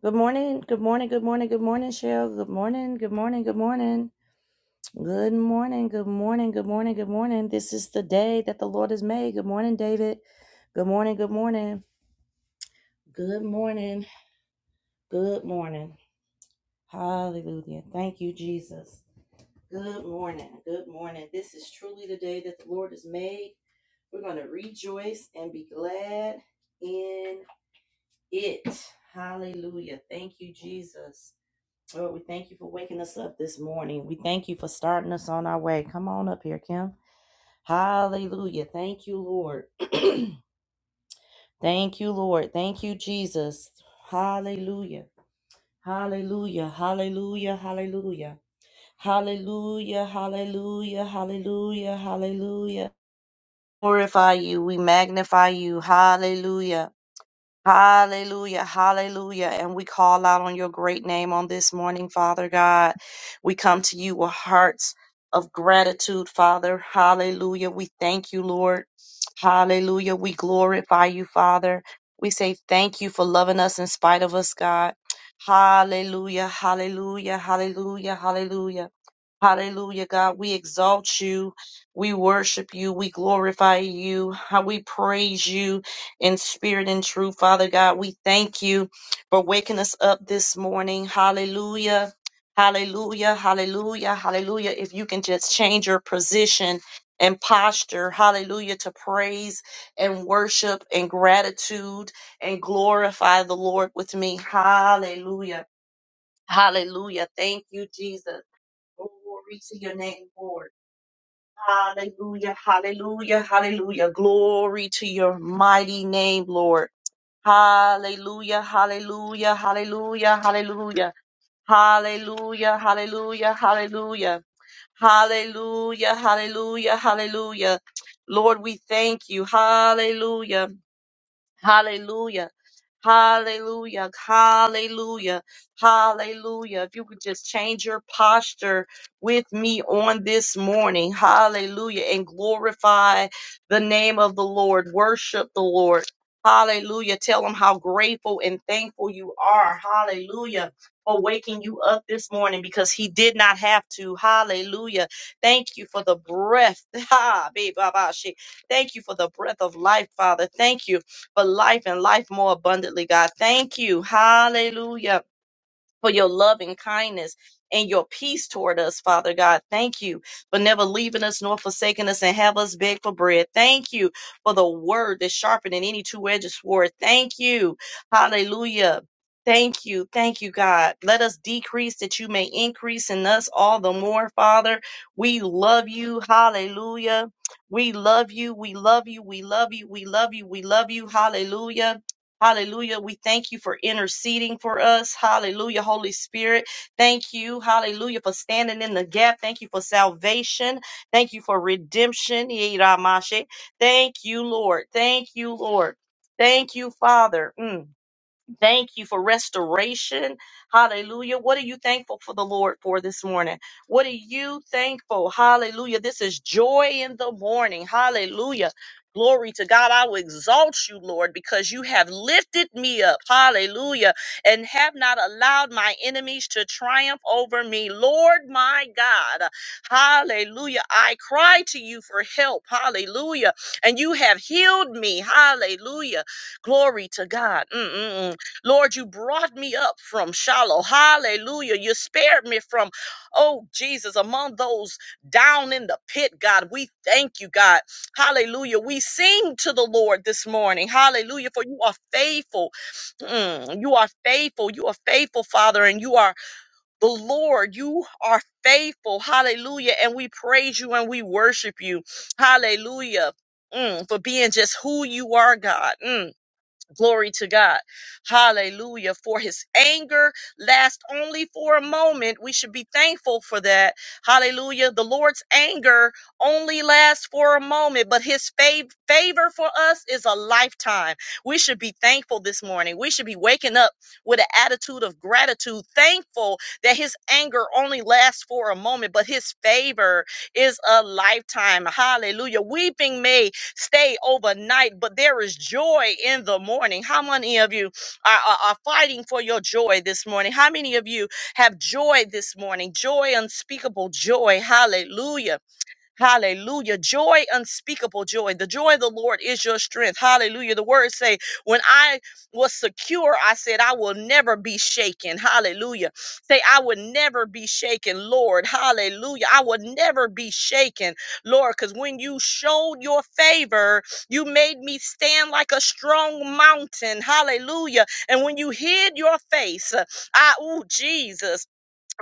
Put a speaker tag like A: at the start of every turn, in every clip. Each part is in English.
A: Good morning, good morning, good morning, good morning, Cheryl. Good morning, good morning, good morning. Good morning, good morning, good morning, good morning. This is the day that the Lord has made. Good morning, David. Good morning, good morning. Good morning, good morning. Hallelujah. Thank you, Jesus. Good morning, good morning. This is truly the day that the Lord has made. We're going to rejoice and be glad in it. Hallelujah. Thank you, Jesus. Lord, we thank you for waking us up this morning. We thank you for starting us on our way. Come on up here, Kim. Hallelujah. Thank you, Lord. thank you, Lord. Thank you, Jesus. Hallelujah. Hallelujah. Hallelujah. Hallelujah. Hallelujah. Hallelujah. Hallelujah. Hallelujah. Glorify you. We magnify you. Hallelujah. Hallelujah, hallelujah. And we call out on your great name on this morning, Father God. We come to you with hearts of gratitude, Father. Hallelujah. We thank you, Lord. Hallelujah. We glorify you, Father. We say thank you for loving us in spite of us, God. Hallelujah, hallelujah, hallelujah, hallelujah. Hallelujah, God. We exalt you. We worship you. We glorify you. How we praise you in spirit and truth, Father God. We thank you for waking us up this morning. Hallelujah. Hallelujah. Hallelujah. Hallelujah. If you can just change your position and posture, hallelujah, to praise and worship and gratitude and glorify the Lord with me. Hallelujah. Hallelujah. Thank you, Jesus. Glory to your name, Lord. Hallelujah, hallelujah, hallelujah. Glory to your mighty name, Lord. Hallelujah, hallelujah, hallelujah, hallelujah. Hallelujah, hallelujah, hallelujah. Hallelujah, hallelujah, hallelujah. Lord, we thank you. Hallelujah. Hallelujah. Hallelujah. Hallelujah. Hallelujah. If you could just change your posture with me on this morning. Hallelujah. And glorify the name of the Lord. Worship the Lord. Hallelujah. Tell him how grateful and thankful you are. Hallelujah. For waking you up this morning because he did not have to. Hallelujah. Thank you for the breath. Ha, babe, baba, she. Thank you for the breath of life, Father. Thank you for life and life more abundantly, God. Thank you. Hallelujah for your love and kindness and your peace toward us, Father God. Thank you for never leaving us nor forsaking us and have us beg for bread. Thank you for the word that's sharper than any two-edged sword. Thank you. Hallelujah. Thank you. Thank you, God. Let us decrease that you may increase in us all the more, Father. We love you. Hallelujah. We love you. We love you. We love you. We love you. We love you. Hallelujah. Hallelujah. We thank you for interceding for us. Hallelujah. Holy Spirit, thank you. Hallelujah for standing in the gap. Thank you for salvation. Thank you for redemption. Yiramashe. Thank you, Lord. Thank you, Lord. Thank you, Father. Mm. Thank you for restoration. Hallelujah. What are you thankful for the Lord for this morning? What are you thankful? Hallelujah. This is joy in the morning. Hallelujah. Glory to God. I will exalt you, Lord, because you have lifted me up. Hallelujah. And have not allowed my enemies to triumph over me. Lord, my God. Hallelujah. I cry to you for help. Hallelujah. And you have healed me. Hallelujah. Glory to God. Mm-mm-mm. Lord, you brought me up from Shiloh. Hallelujah. You spared me from, oh Jesus, among those down in the pit, God. We thank you, God. Hallelujah. We sing to the Lord this morning. Hallelujah. For you are faithful. Mm, you are faithful. You are faithful, Father, and you are the Lord. You are faithful. Hallelujah. And we praise you and we worship you. Hallelujah. Mm, for being just who you are, God. Mm. Glory to God. Hallelujah. For his anger lasts only for a moment. We should be thankful for that. Hallelujah. The Lord's anger only lasts for a moment, but his fav- favor for us is a lifetime. We should be thankful this morning. We should be waking up with an attitude of gratitude, thankful that his anger only lasts for a moment, but his favor is a lifetime. Hallelujah. Weeping may stay overnight, but there is joy in the morning. How many of you are, are, are fighting for your joy this morning? How many of you have joy this morning? Joy, unspeakable joy. Hallelujah. Hallelujah. Joy, unspeakable joy. The joy of the Lord is your strength. Hallelujah. The words say, when I was secure, I said, I will never be shaken. Hallelujah. Say, I will never be shaken, Lord. Hallelujah. I will never be shaken, Lord, because when you showed your favor, you made me stand like a strong mountain. Hallelujah. And when you hid your face, I, oh, Jesus.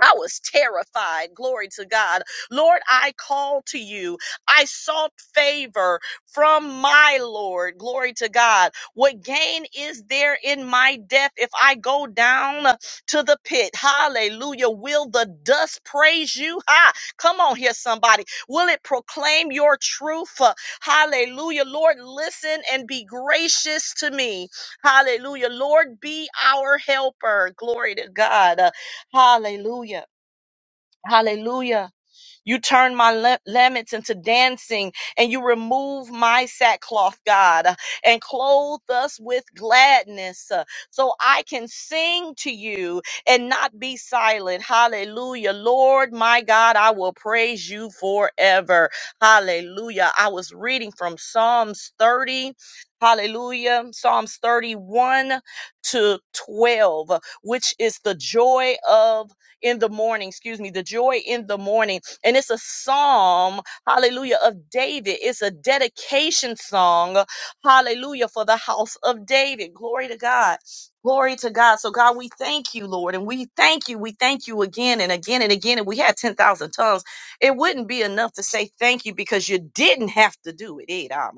A: I was terrified. Glory to God. Lord, I called to you. I sought favor from my Lord. Glory to God. What gain is there in my death if I go down to the pit? Hallelujah. Will the dust praise you? Ha! Come on here, somebody. Will it proclaim your truth? Uh, Hallelujah. Lord, listen and be gracious to me. Hallelujah. Lord, be our helper. Glory to God. Uh, Hallelujah. Hallelujah. You turn my la- laments into dancing, and you remove my sackcloth, God, and clothe us with gladness uh, so I can sing to you and not be silent. Hallelujah. Lord, my God, I will praise you forever. Hallelujah. I was reading from Psalms 30. Hallelujah. Psalms 31 to 12, which is the joy of in the morning, excuse me, the joy in the morning. And it's a psalm, hallelujah, of David. It's a dedication song, hallelujah, for the house of David. Glory to God. Glory to God. So, God, we thank you, Lord, and we thank you. We thank you again and again and again. And we had 10,000 tongues. It wouldn't be enough to say thank you because you didn't have to do it. Eh, nah,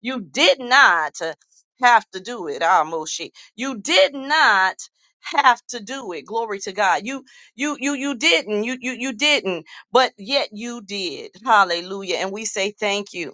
A: You did not uh, have to do it. Ah, Moshe. You did not have to do it. Glory to God. You you you you didn't. You you you didn't but yet you did. Hallelujah. And we say thank you.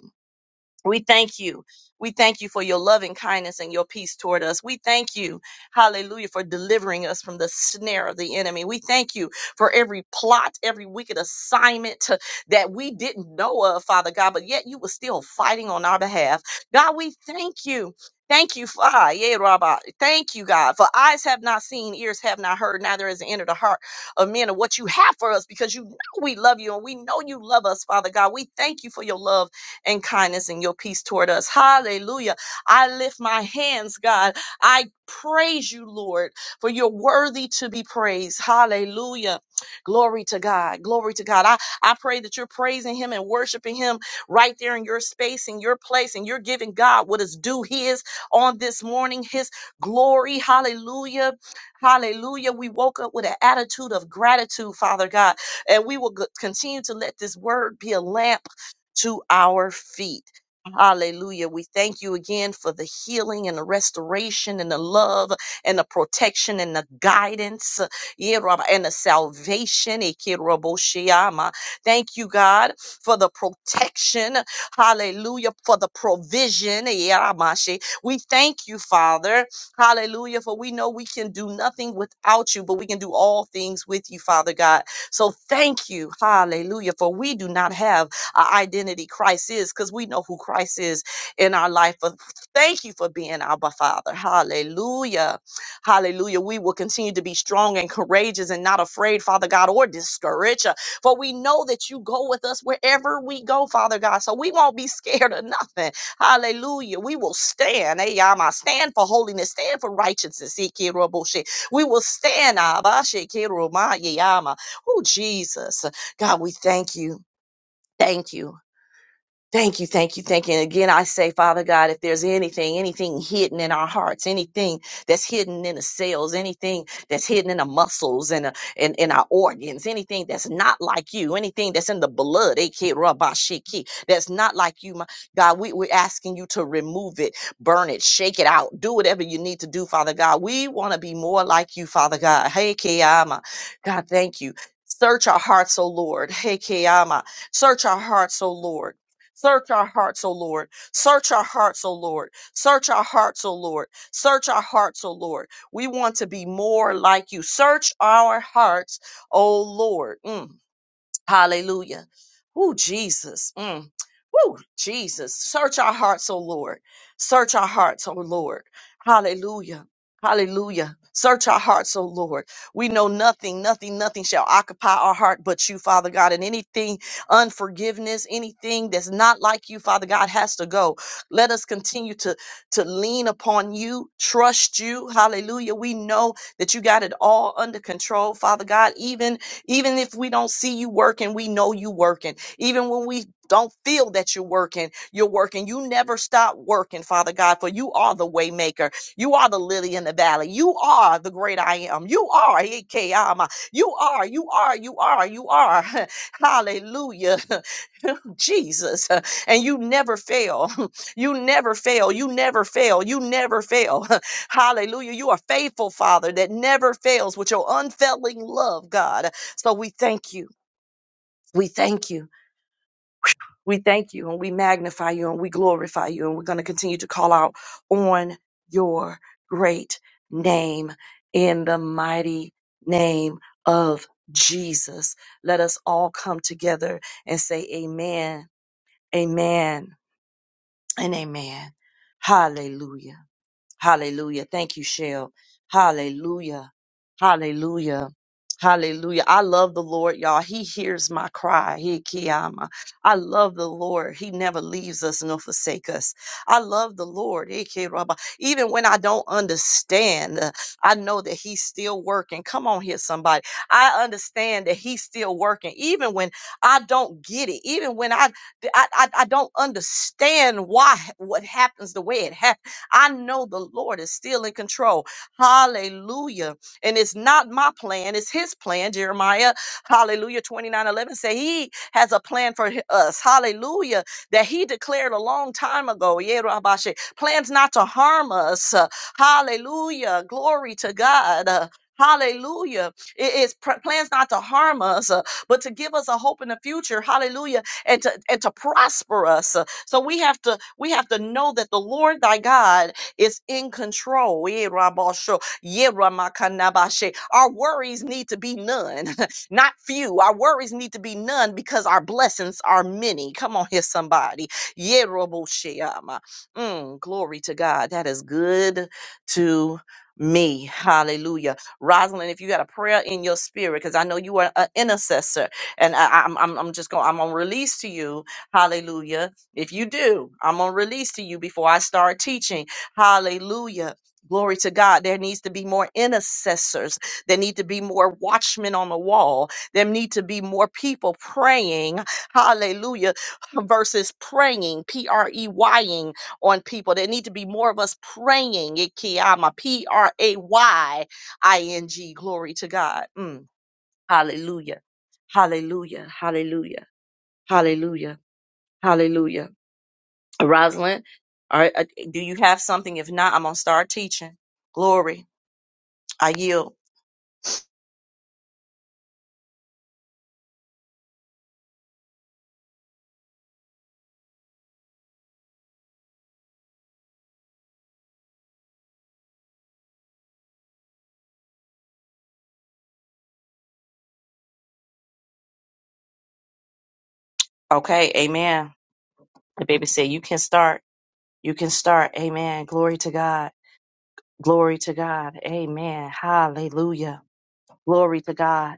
A: We thank you. We thank you for your loving kindness and your peace toward us. We thank you, hallelujah, for delivering us from the snare of the enemy. We thank you for every plot, every wicked assignment to- that we didn't know of, Father God, but yet you were still fighting on our behalf. God, we thank you. Thank you, Father. Yeah, Rabbi. Thank you, God. For eyes have not seen, ears have not heard, neither has entered the heart of men of what you have for us because you know we love you and we know you love us, Father God. We thank you for your love and kindness and your peace toward us. Hallelujah. I lift my hands, God. I praise you, Lord, for you're worthy to be praised. Hallelujah. Glory to God. Glory to God. I, I pray that you're praising him and worshiping him right there in your space, in your place, and you're giving God what is due his on this morning, his glory. Hallelujah. Hallelujah. We woke up with an attitude of gratitude, Father God, and we will go- continue to let this word be a lamp to our feet. Hallelujah. We thank you again for the healing and the restoration and the love and the protection and the guidance uh, yeah, Rabba, and the salvation. eh, Kid Rabbo Shiyama. Thank you, God, for the protection. Hallelujah. For the provision. eh, Yaramashe. We thank you, Father. Hallelujah. For we know we can do nothing without you, but we can do all things with you, Father God. So thank you. Hallelujah. For we do not have our identity Christ is because we know who Christ is in our life. But thank you for being our Father. Hallelujah. Hallelujah. We will continue to be strong and courageous and not afraid, Father God, or discouraged. uh, For we know that you go with us wherever we go, Father God. So we won't be scared of nothing. Hallelujah. We will stand. Hey, Yama, stand for holiness, stand for righteousness. Ikiroboshe. We will stand. Abba, Shekiromaye, Yama. Oh, Jesus. God, we thank you. Thank you. Thank you, thank you, thank you. And again, I say, Father God, if there's anything, anything hidden in our hearts, anything that's hidden in the cells, anything that's hidden in the muscles and uh, in, in our organs, anything that's not like you, anything that's in the blood, aka rabashiki, that's not like you, my God, we, we're asking you to remove it, burn it, shake it out, do whatever you need to do, Father God. We want to be more like you, Father God. Hey, Kiyama. God, thank you. Search our hearts, O Lord. Hey, Kiyama. Search our hearts, O Lord. Search our hearts, O Lord. Search our hearts, O Lord. Search our hearts, O Lord. Search our hearts, O Lord. We want to be more like you. Search our hearts, O Lord. Mm. Hallelujah. Woo, Jesus. Mm. Woo, Jesus. Search our hearts, O Lord. Search our hearts, O Lord. Hallelujah. Hallelujah. Search our hearts, O Lord. We know nothing, nothing, nothing shall occupy our heart but you, Father God. And anything, unforgiveness, anything that's not like you, Father God, has to go. Let us continue to, to lean upon you, trust you. Hallelujah. We know that you got it all under control, Father God. Even even if we don't see you working, we know you working. Even when we don't feel that you're working, you're working. You never stop working, Father God, for you are the way maker. You are the lily in the valley. You are the great I am. You are Ikeyama. You are, you are, you are, you are. Hallelujah. Jesus. And you never fail. You never fail. You never fail. You never fail. Hallelujah. You are faithful, Father, that never fails with your unfailing love, God. So we thank you. We thank you. We thank you and we magnify you and we glorify you. And we're going to continue to call out on your great name in the mighty name of Jesus. Let us all come together and say amen, amen, and amen. Hallelujah. Hallelujah. Thank you, Shell. Hallelujah. Hallelujah. Hallelujah. I love the Lord, y'all. He hears my cry. He kiyama. I love the Lord. He never leaves us nor forsake us. I love the Lord. He ki raba. Even when I don't understand, uh, I know that he's still working. Come on here, somebody. I understand that he's still working. Even when I don't get it, even when I I, I, I don't understand why what happens the way it happens. I know the Lord is still in control. Hallelujah. And it's not my plan, it's his plan. Jeremiah, hallelujah, twenty nine eleven 11 say he has a plan for hi- us. Hallelujah. That he declared a long time ago. Yeah, Rabashe. Plans not to harm us. Uh, Hallelujah. Glory to God. Uh, Hallelujah. It is pr- plans not to harm us, uh, but to give us a hope in the future. Hallelujah. And to and to prosper us. So we have to we have to know that the Lord thy God is in control. Eh, rabasho, yeah, ramakanabashe. Our worries need to be none, not few. Our worries need to be none because our blessings are many. Come on here, somebody. Yeah, robosheama. Mm, glory to God. That is good to me. Hallelujah. Rosalind, if you got a prayer in your spirit, because I know you are an intercessor, and I, I'm, I'm, I'm just going, I'm going to release to you, hallelujah, if you do, I'm going to release to you before I start teaching. Hallelujah. Glory to God. There needs to be more intercessors. There need to be more watchmen on the wall. There need to be more people praying. Hallelujah. Versus praying, P R E Y ing on people. There need to be more of us praying. Ikiyama, P R A Y I N G. Glory to God. Mm. Hallelujah. Hallelujah. Hallelujah. Hallelujah. Hallelujah. Rosalind, all right, uh, do you have something? If not, I'm gonna start teaching. Glory, I yield. Okay, amen. The baby said, You can start. You can start. Amen. Glory to God. Glory to God. Amen. Hallelujah. Glory to God.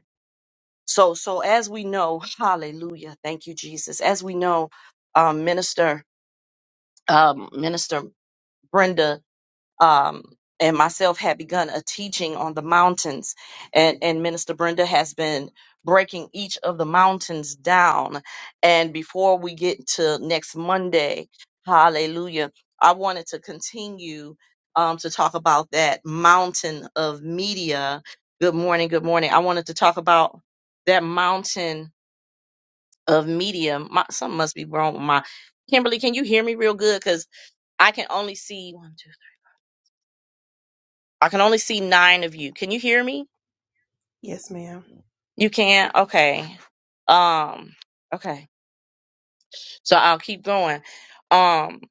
A: So, so as we know, hallelujah. Thank you, Jesus. As we know, um, minister, um, minister Brenda um, and myself had begun a teaching on the mountains, and, and Minister Brenda has been breaking each of the mountains down. And before we get to next Monday, hallelujah, I wanted to continue um, to talk about that mountain of media. Good morning, good morning. I wanted to talk about that mountain of media. My, something must be wrong with my Kimberly. Can you hear me real good? Because I can only see one, two. I can only see nine of you. Can you hear me?
B: Yes, ma'am.
A: You can? Okay. Um, okay. So I'll keep going. Um,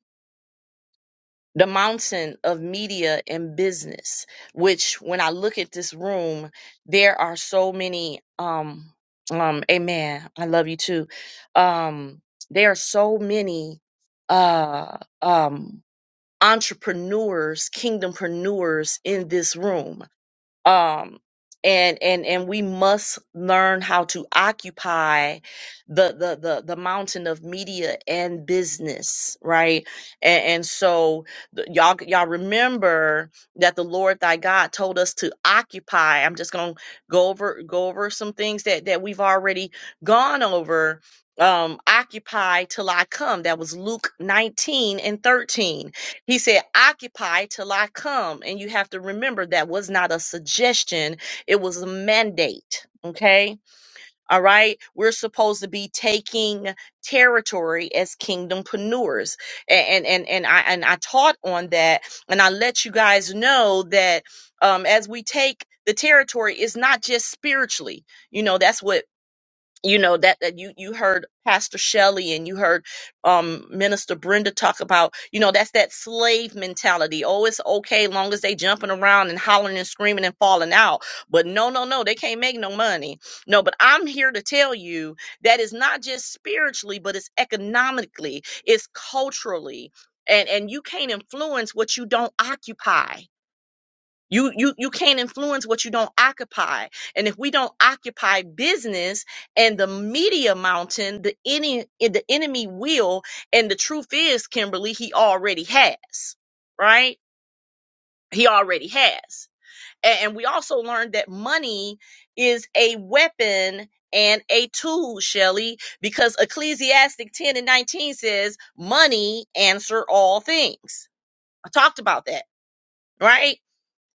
A: the mountain of media and business, which when I look at this room, there are so many, um, um, amen. I love you too. Um, there are so many, uh, um, entrepreneurs, kingdompreneurs in this room um and and and we must learn how to occupy the the the, the mountain of media and business right and, and so th- y'all y'all remember that the lord thy god told us to occupy i'm just gonna go over go over some things that that we've already gone over um occupy till i come that was luke 19 and 13 he said, occupy till I come. And you have to remember that was not a suggestion, it was a mandate. Okay. All right. We're supposed to be taking territory as kingdompreneurs. A- And and and I and I taught on that. And I let you guys know that um as we take the territory, it's not just spiritually. You know, that's what you know that, that you you heard pastor shelley and you heard um minister brenda talk about you know that's that slave mentality oh it's okay long as they jumping around and hollering and screaming and falling out but no no no they can't make no money no but i'm here to tell you that it's not just spiritually but it's economically it's culturally and and you can't influence what you don't occupy you you you can't influence what you don't occupy. And if we don't occupy business and the media mountain, the any eh, the enemy will, and the truth is, Kimberly, he already has, right? He already has. A- And we also learned that money is a weapon and a tool, Shelley, because Ecclesiastic 10 and 19 says, money answer all things. I talked about that, right?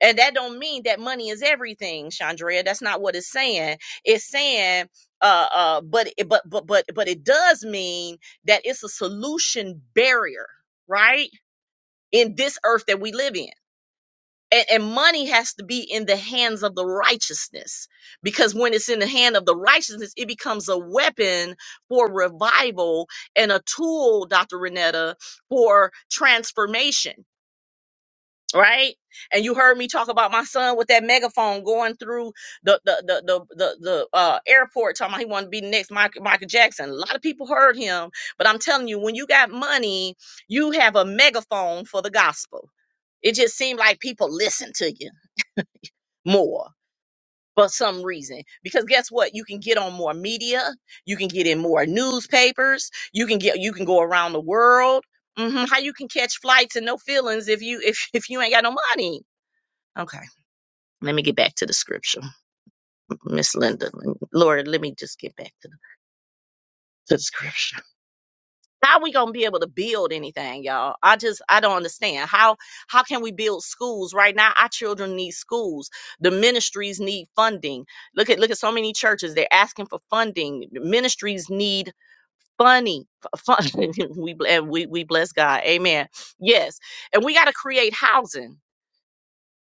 A: And that don't mean that money is everything, Chandrea. That's not what it's saying. It's saying, uh, uh, but but but but but it does mean that it's a solution barrier, right? In this earth that we live in. And, and money has to be in the hands of the righteousness because when it's in the hand of the righteousness, it becomes a weapon for revival and a tool, Dr. Renetta, for transformation right? And you heard me talk about my son with that megaphone going through the the the the the, the uh, airport, talking about he wanted to be the next Michael, Michael Jackson. A lot of people heard him, but I'm telling you, when you got money, you have a megaphone for the gospel. It just seemed like people listen to you more for some reason. Because guess what? You can get on more media, you can get in more newspapers, you can get you can go around the world. hmm How you can catch flights and no feelings if you if if you ain't got no money. Okay let me get back to the scripture, Miss Linda. Lord, let me just get back to the, to the scripture. How we gonna be able to build anything, y'all? I just I don't understand how how can we build schools right now? Our children need schools. The ministries need funding. Look at look at so many churches. They're asking for funding. The ministries need funny fun. we and we we bless God. Amen. Yes, and we got to create housing.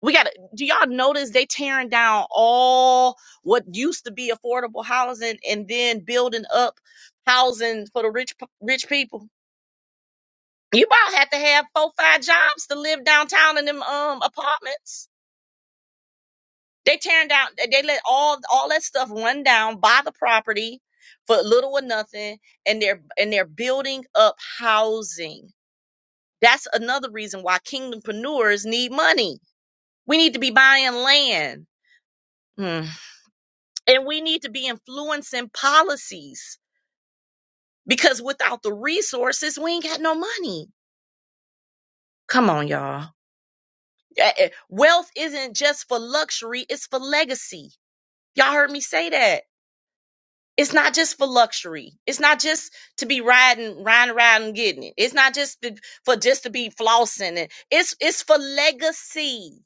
A: We got to do y'all notice they tearing down all what used to be affordable housing and then building up housing for the rich p- rich people. You about have to have four five jobs to live downtown in them um apartments. They tearing down they they let all all that stuff run down buy the property for little or nothing and they're and they're building up housing. That's another reason why kingdompreneurs need money. We need to be buying land. Mm-hmm. And we need to be influencing policies because without the resources, we ain't got no money. Come on, y'all. Eh, eh, Wealth isn't just for luxury, it's for legacy. Y'all heard me say that. It's not just for luxury. It's not just to be riding, riding around and getting it. It's not just to- for just to be flossing it. It's it's for legacy.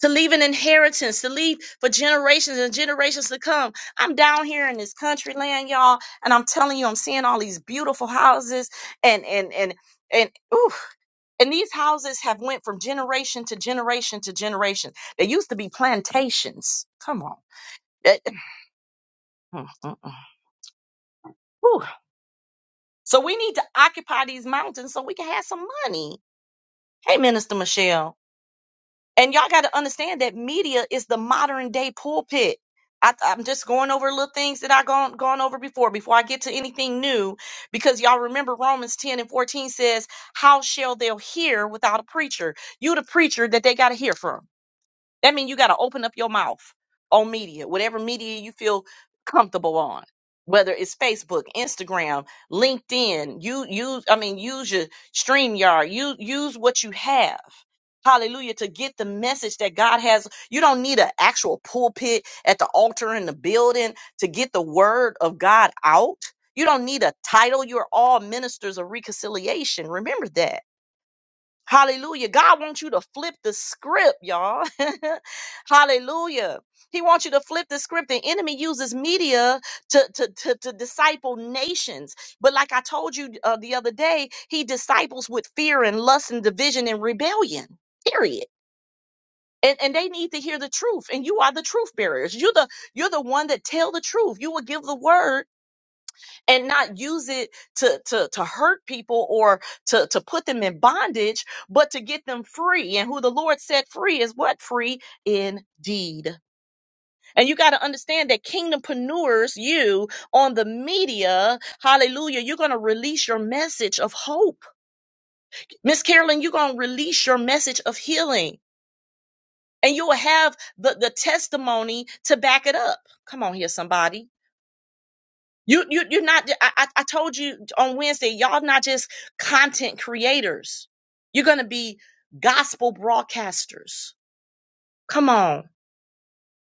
A: to leave an inheritance, to leave for generations and generations to come. I'm down here in this country land, y'all, and I'm telling you, I'm seeing all these beautiful houses and and and and ooh, and these houses have went from generation to generation to generation. They used to be plantations. Come on. Eh, eh, mm, mm, mm. Whew. So we need to occupy these mountains so we can have some money. Hey, Minister Michelle. And y'all got to understand that media is the modern day pulpit. I, I'm just going over little things that I've gone, gone over before, before I get to anything new, because y'all remember Romans 10 and 14 says, How shall they hear without a preacher? You, the preacher that they got to hear from. That means you got to open up your mouth on media, whatever media you feel comfortable on, whether it's Facebook, Instagram, LinkedIn. You use, I mean, use your StreamYard. You use what you have. Hallelujah to get the message that God has. You don't need an actual pulpit at the altar in the building to get the word of God out. You don't need a title. You're all ministers of reconciliation. Remember that. Hallelujah. God wants you to flip the script, y'all. Hallelujah. He wants you to flip the script. The enemy uses media to, to, to, to disciple nations. But like I told you uh, the other day, he disciples with fear and lust and division and rebellion, period. And, and they need to hear the truth. And you are the truth bearers. You're the you're the one that tell the truth. You will give the word and not use it to to to hurt people or to to put them in bondage but to get them free and who the lord set free is what free indeed and you got to understand that kingdompreneurs you on the media hallelujah you're going to release your message of hope miss carolyn you're going to release your message of healing and you'll have the, the testimony to back it up come on here somebody You you you're not. I I I told you on Wednesday, y'all not just content creators. You're gonna be gospel broadcasters. Come on,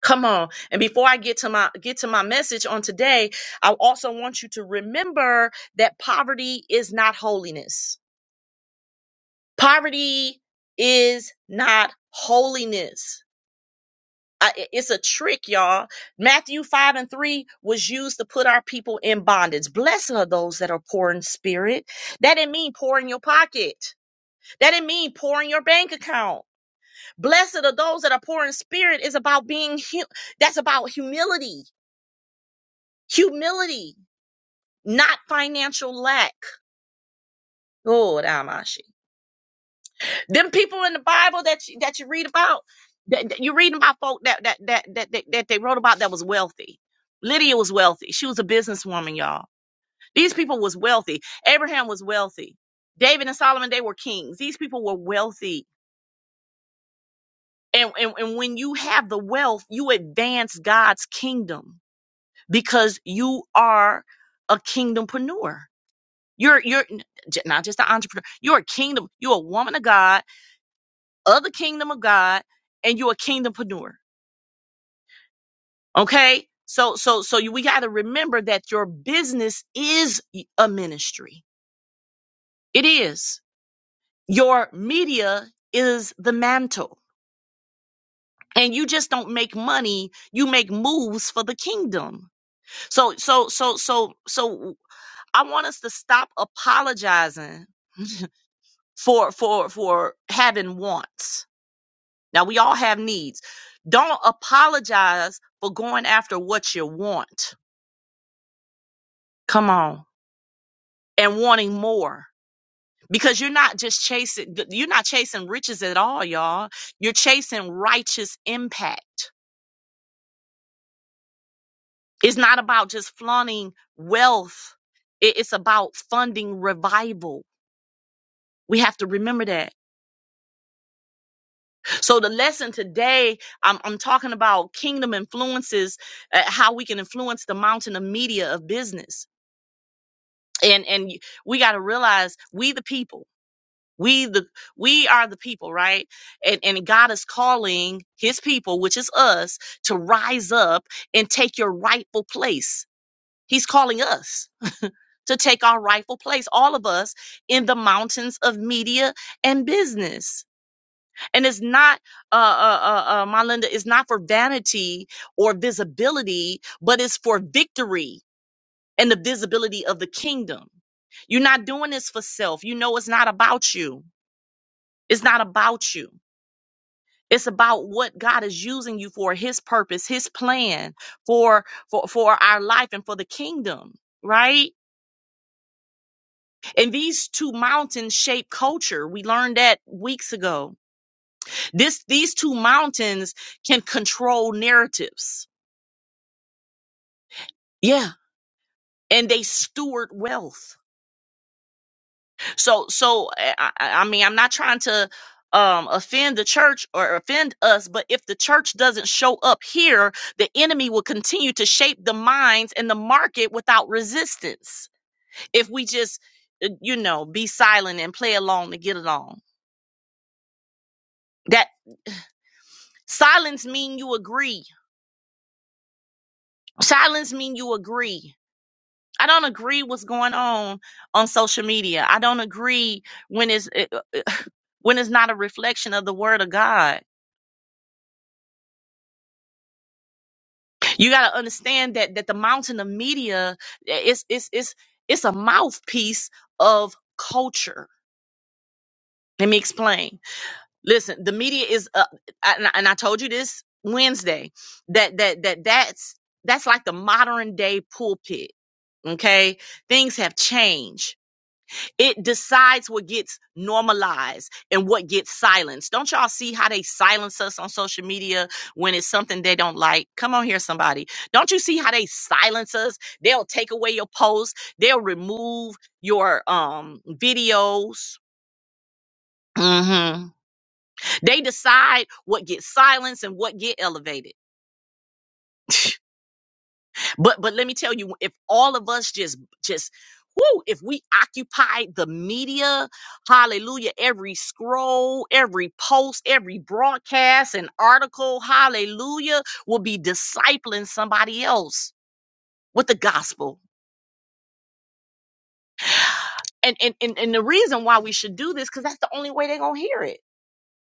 A: come on. And before I get to my get to my message on today, I also want you to remember that poverty is not holiness. Poverty is not holiness I- i- it's a trick, y'all. Matthew 5 and 3 was used to put our people in bondage. Blessed are those that are poor in spirit. That didn't mean poor in your pocket. That didn't mean poor in your bank account. Blessed are those that are poor in spirit is about being, hu- that's about humility, humility, not financial lack. Oh, Amashi. Them people in the Bible that you, that you read about, that, that you read about folk that that, that that that that they wrote about that was wealthy. Lydia was wealthy. She was a businesswoman, y'all. These people was wealthy. Abraham was wealthy. David and Solomon, they were kings. These people were wealthy. And, and, and when you have the wealth, you advance God's kingdom because you are a kingdompreneur. You're you're n- j- not just an entrepreneur. You're a kingdom. You're a woman of God, of the kingdom of God, and you're a kingdompreneur. Okay. So, so, so you, we got to remember that your business is a ministry. It is. Your media is the mantle. And you just don't make money. You make moves for the kingdom. So, so, so, so, so I want us to stop apologizing for, for, for having wants. Now we all have needs. Don't apologize for going after what you want. Come on. And wanting more because you're not just chasing you're not chasing riches at all y'all you're chasing righteous impact it's not about just flaunting wealth It- it's about funding revival we have to remember that so the lesson today i'm, I'm talking about kingdom influences uh, how we can influence the mountain of media of business and and we got to realize we the people We the we are the people, right? And and God is calling his people, which is us, to rise up and take your rightful place. He's calling us to take our rightful place, all of us in the mountains of media and business. And it's not uh uh uh, uh my Linda, it's not for vanity or visibility, but it's for victory and the visibility of the kingdom. You're not doing this for self. You know it's not about you. It's not about you. It's about what God is using you for, his purpose, his plan for for for our life and for the kingdom, right? And these two mountains shape culture. We learned that weeks ago. This these two mountains can control narratives. Yeah. And they steward wealth. So, so eh, I, I I mean, I'm not trying to um, offend the church or offend us, but if the church doesn't show up here, the enemy will continue to shape the minds and the market without resistance. If we just, uh, you know, be silent and play along to get along, that silence mean you agree. Silence mean you agree. I don't agree what's going on on social media. I don't agree when it's when it's not a reflection of the word of God. You got to understand that that the mountain of media is it's it's it's a mouthpiece of culture. Let me explain. Listen, the media is uh, and, I, and I told you this Wednesday that that that that's that's like the modern day pulpit. Okay, things have changed. It decides what gets normalized and what gets silenced. Don't y'all see how they silence us on social media when it's something they don't like? Come on here, somebody. Don't you see how they silence us? They'll take away your post. They'll remove your um videos. hmm They decide what gets silenced and what get elevated. But but let me tell you, if all of us just just whoo, if we occupy the media, hallelujah, every scroll, every post, every broadcast and article, hallelujah, will be discipling somebody else with the gospel. And and and, and the reason why we should do this, because that's the only way they're gonna hear it.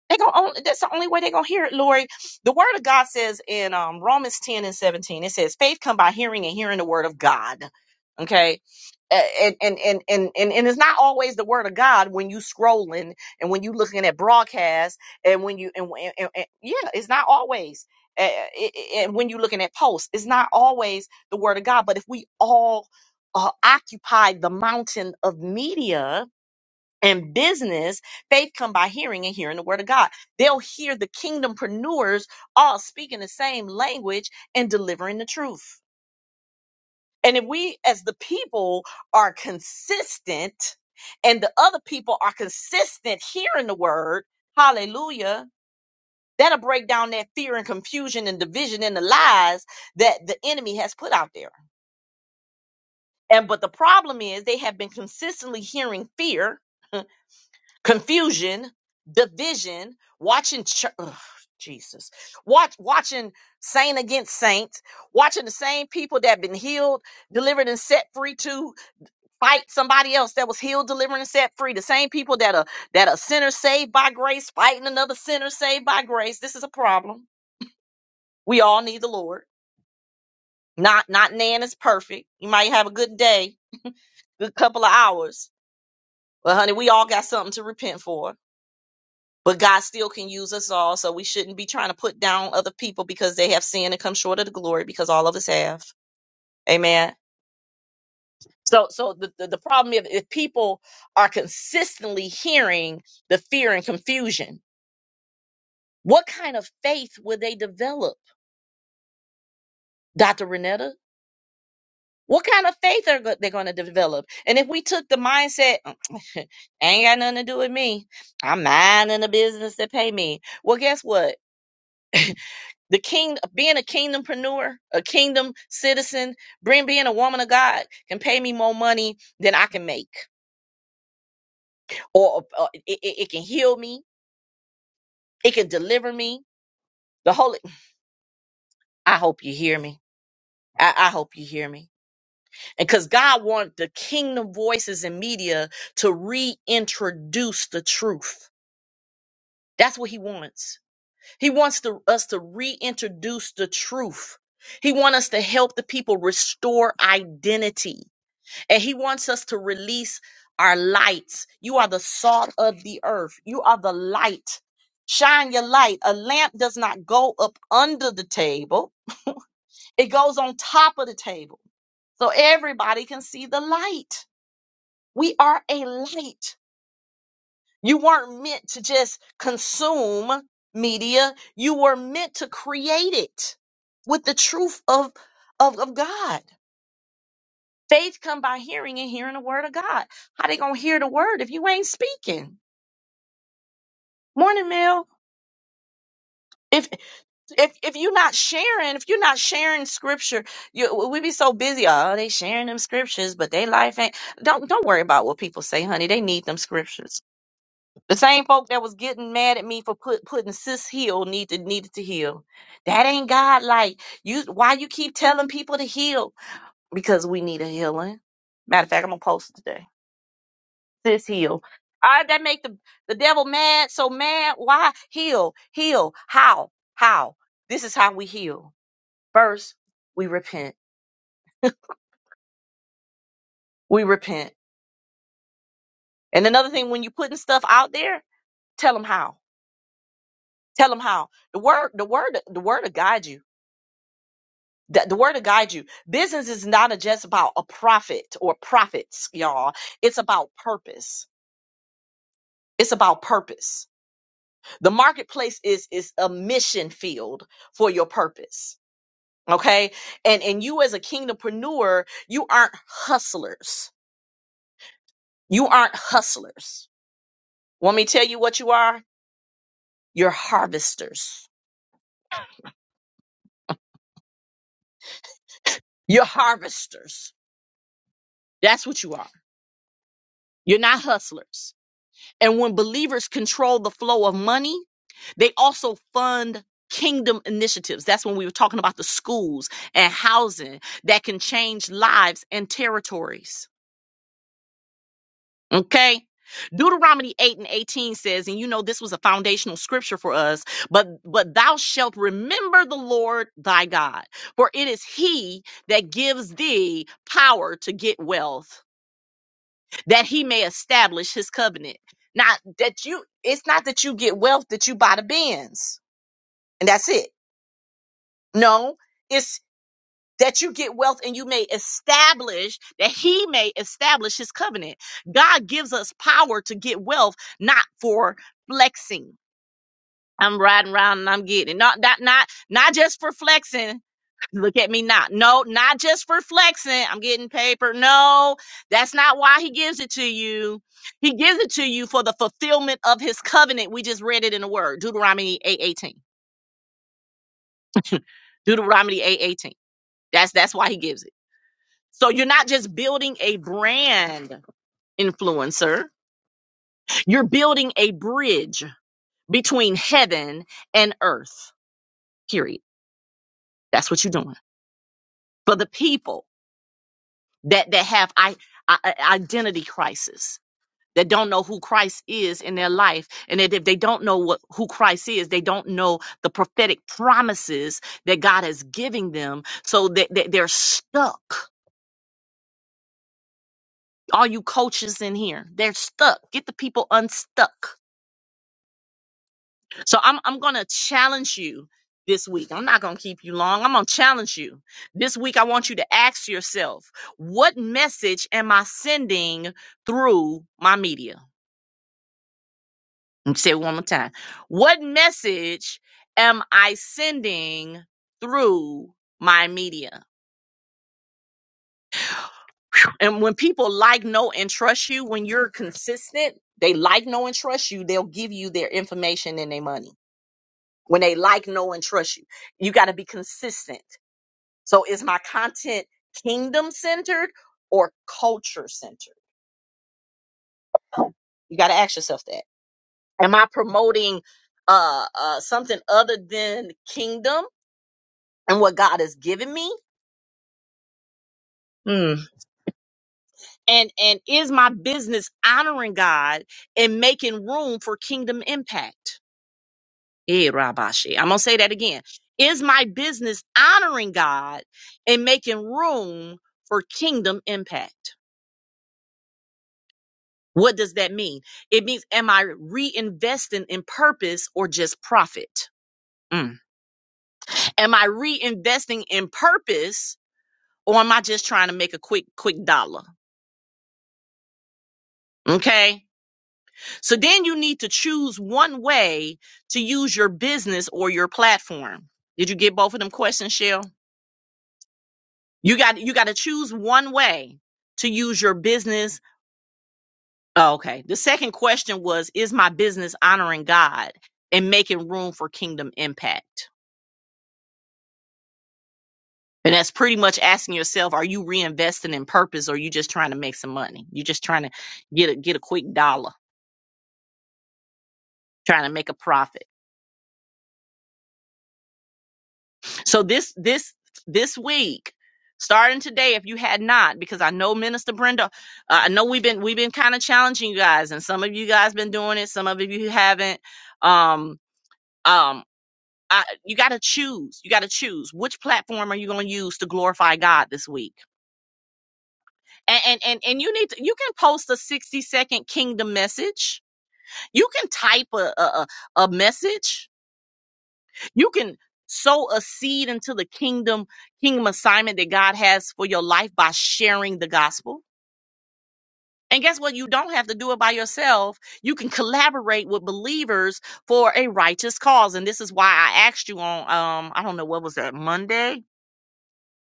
A: They gonna only, that's the only way they're gonna hear it, Lori. The word of God says in um, Romans 10 and 17, it says, faith come by hearing and hearing the word of God. Okay. A- And and and and and, and it's not always the word of God when you scrolling and when you looking at broadcasts and when you and, and, and- and- yeah, it's not always. Uh, it- it- And when you looking at posts, it's not always the word of God. But if we all uh, occupy the mountain of media, and business, faith come by hearing and hearing the word of God. They'll hear the kingdompreneurs all speaking the same language and delivering the truth. And if we as the people are consistent and the other people are consistent hearing the word, hallelujah, that'll break down that fear and confusion and division and the lies that the enemy has put out there. And but the problem is they have been consistently hearing fear confusion, division, watching chur- ugh, Jesus, watch watching saint against saint, watching the same people that been healed, delivered, and set free to fight somebody else that was healed, delivered, and set free. The same people that are that are sinners saved by grace fighting another sinner saved by grace. This is a problem. We all need the Lord. Not not Nan is perfect. You might have a good day, good couple of hours, but honey, we all got something to repent for but God still can use us all. So we shouldn't be trying to put down other people because they have sinned and come short of the glory because all of us have. Amen. So, so the, the, the problem is if people are consistently hearing the fear and confusion, what kind of faith would they develop, Dr. Renetta? What kind of faith are go- they going to develop? And if we took the mindset, ain't got nothing to do with me. I'm minding the business that pay me. Well, guess what? the king being a kingdompreneur, a kingdom citizen, being being a woman of God can pay me more money than I can make, or, or it, it it can heal me, it can deliver me. The Holy, I hope you hear me. I, I hope you hear me. And because God wanted the kingdom voices in media to reintroduce the truth. That's what He wants. He wants to, us to reintroduce the truth. He wants us to help the people restore identity. And he wants us to release our lights. You are the salt of the earth. You are the light. Shine your light. A lamp does not go up under the table, it goes on top of the table so everybody can see the light. We are a light. You weren't meant to just consume media, you were meant to create it with the truth of, of, of God. Faith come by hearing and hearing the word of God. How they gonna hear the word if you ain't speaking? Morning, Mill. If if if you're not sharing, if you're not sharing scripture, you we be so busy. Oh, they sharing them scriptures, but they life ain't. Don't don't worry about what people say, honey. They need them scriptures. The same folk that was getting mad at me for put putting sis heal needed needed to heal. That ain't God like you. Why you keep telling people to heal? Because we need a healing. Matter of fact, I'm gonna post it today. Sis, heal. I that make the, the devil mad, so mad. Why? Heal, heal. How? How? This is how we heal. First, we repent. We repent. And another thing, when you're putting stuff out there, tell them how. Tell them how. The word, the word, the word to guide you. The, the word to guide you. Business is not just about a profit or profits, y'all. It's about purpose. It's about purpose. The marketplace is is a mission field for your purpose okay and and you as a kingdompreneur you aren't hustlers you aren't hustlers want me to tell you what you are you're harvesters you're harvesters that's what you are you're not hustlers and when believers control the flow of money they also fund kingdom initiatives that's when we were talking about the schools and housing that can change lives and territories Okay. Deuteronomy 8 and 18 says, and you know this was a foundational scripture for us, but but thou shalt remember the Lord thy God, for it is he that gives thee power to get wealth, that he may establish his covenant. Not that you it's not that you get wealth that you buy the bins, and that's it. No, it's. that you get wealth and you may establish that he may establish his covenant. God gives us power to get wealth, not for flexing. I'm riding around and I'm getting it. not not not not just for flexing. Look at me not. No, not just for flexing. I'm getting paper. No, that's not why he gives it to you. He gives it to you for the fulfillment of his covenant. We just read it in the word. Deuteronomy 8:18. Deuteronomy 8:18. That's that's why he gives it. So you're not just building a brand influencer, you're building a bridge between heaven and earth. Period. That's what you're doing. For the people that that have I, I, I- identity crisis, that don't know who Christ is in their life, and that if they don't know what who Christ is, they don't know the prophetic promises that God is giving them, so that, that they're stuck. All you coaches in here, they're stuck. Get the people unstuck So I'm I'm gonna challenge you this week. I'm not gonna keep you long. I'm gonna challenge you. This week I want you to ask yourself, what message am I sending through my media? Let me say it one more time. What message am I sending through my media? And when people like, know, and trust you, when you're consistent, they like, know, and trust you, they'll give you their information and their money. When they like, know, and trust you, you got to be consistent So is my content kingdom centered or culture centered? You got to ask yourself that. Am I promoting uh, uh, something other than kingdom and what God has given me? Hmm. And and is my business honoring God and making room for kingdom impact? Eh, Rabashi. I'm gonna say that again. Is my business honoring God and making room for kingdom impact? What does that mean? It means, am I reinvesting in purpose or just profit? Mm. Am I reinvesting in purpose or am I just trying to make a quick, quick dollar? Okay. So then you need to choose one way to use your business or your platform. Did you get both of them questions, Shell? You got, you got to choose one way to use your business. Oh, okay. The second question was, is my business honoring God and making room for kingdom impact? And that's pretty much asking yourself, are you reinvesting in purpose or are you just trying to make some money? You're just trying to get a get a quick dollar, trying to make a profit. So this this this week, starting today, if you had not, because I know Minister Brenda, uh, I know we've been we've been kind of challenging you guys, and some of you guys been doing it, some of you haven't. Um, um, I, you got to choose. You got to choose which platform are you going to use to glorify God this week. And, and and and you need to, you can post a 60 second kingdom message You can type a, a a message. You can sow a seed into the kingdom kingdom assignment that God has for your life by sharing the gospel. And guess what? You don't have to do it by yourself. You can collaborate with believers for a righteous cause. And this is why I asked you on um I don't know what was that Monday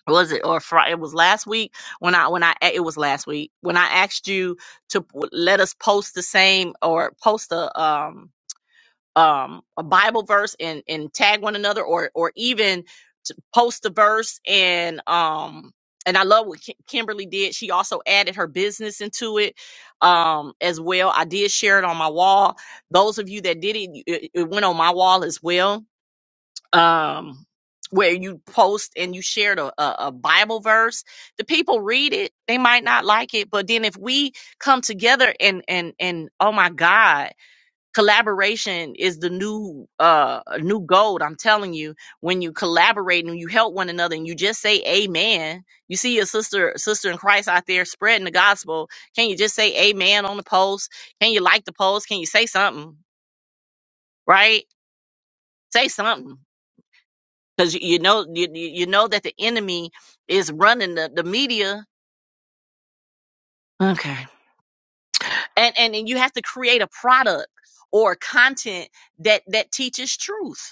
A: was it or Friday? It was last week when I when I eh, it was last week when I asked you to p- let us post the same or post a um um, a Bible verse and and tag one another, or or even to post a verse and um and I love what Ki- Kimberly did. She also added her business into it um as well. I did share it on my wall. Those of you that did it, you- it, it went on my wall as well. Um where you post and you shared a, a, a Bible verse, the people read it. They might not like it, but then if we come together and and and oh my God, collaboration is the new uh new gold i'm telling you when you collaborate and you help one another and you just say amen you see your sister sister in christ out there spreading the gospel can you just say amen on the post can you like the post can you say something right say something because you, you know you, you you know that the enemy is running the, the media okay and, and and you have to create a product or content that that teaches truth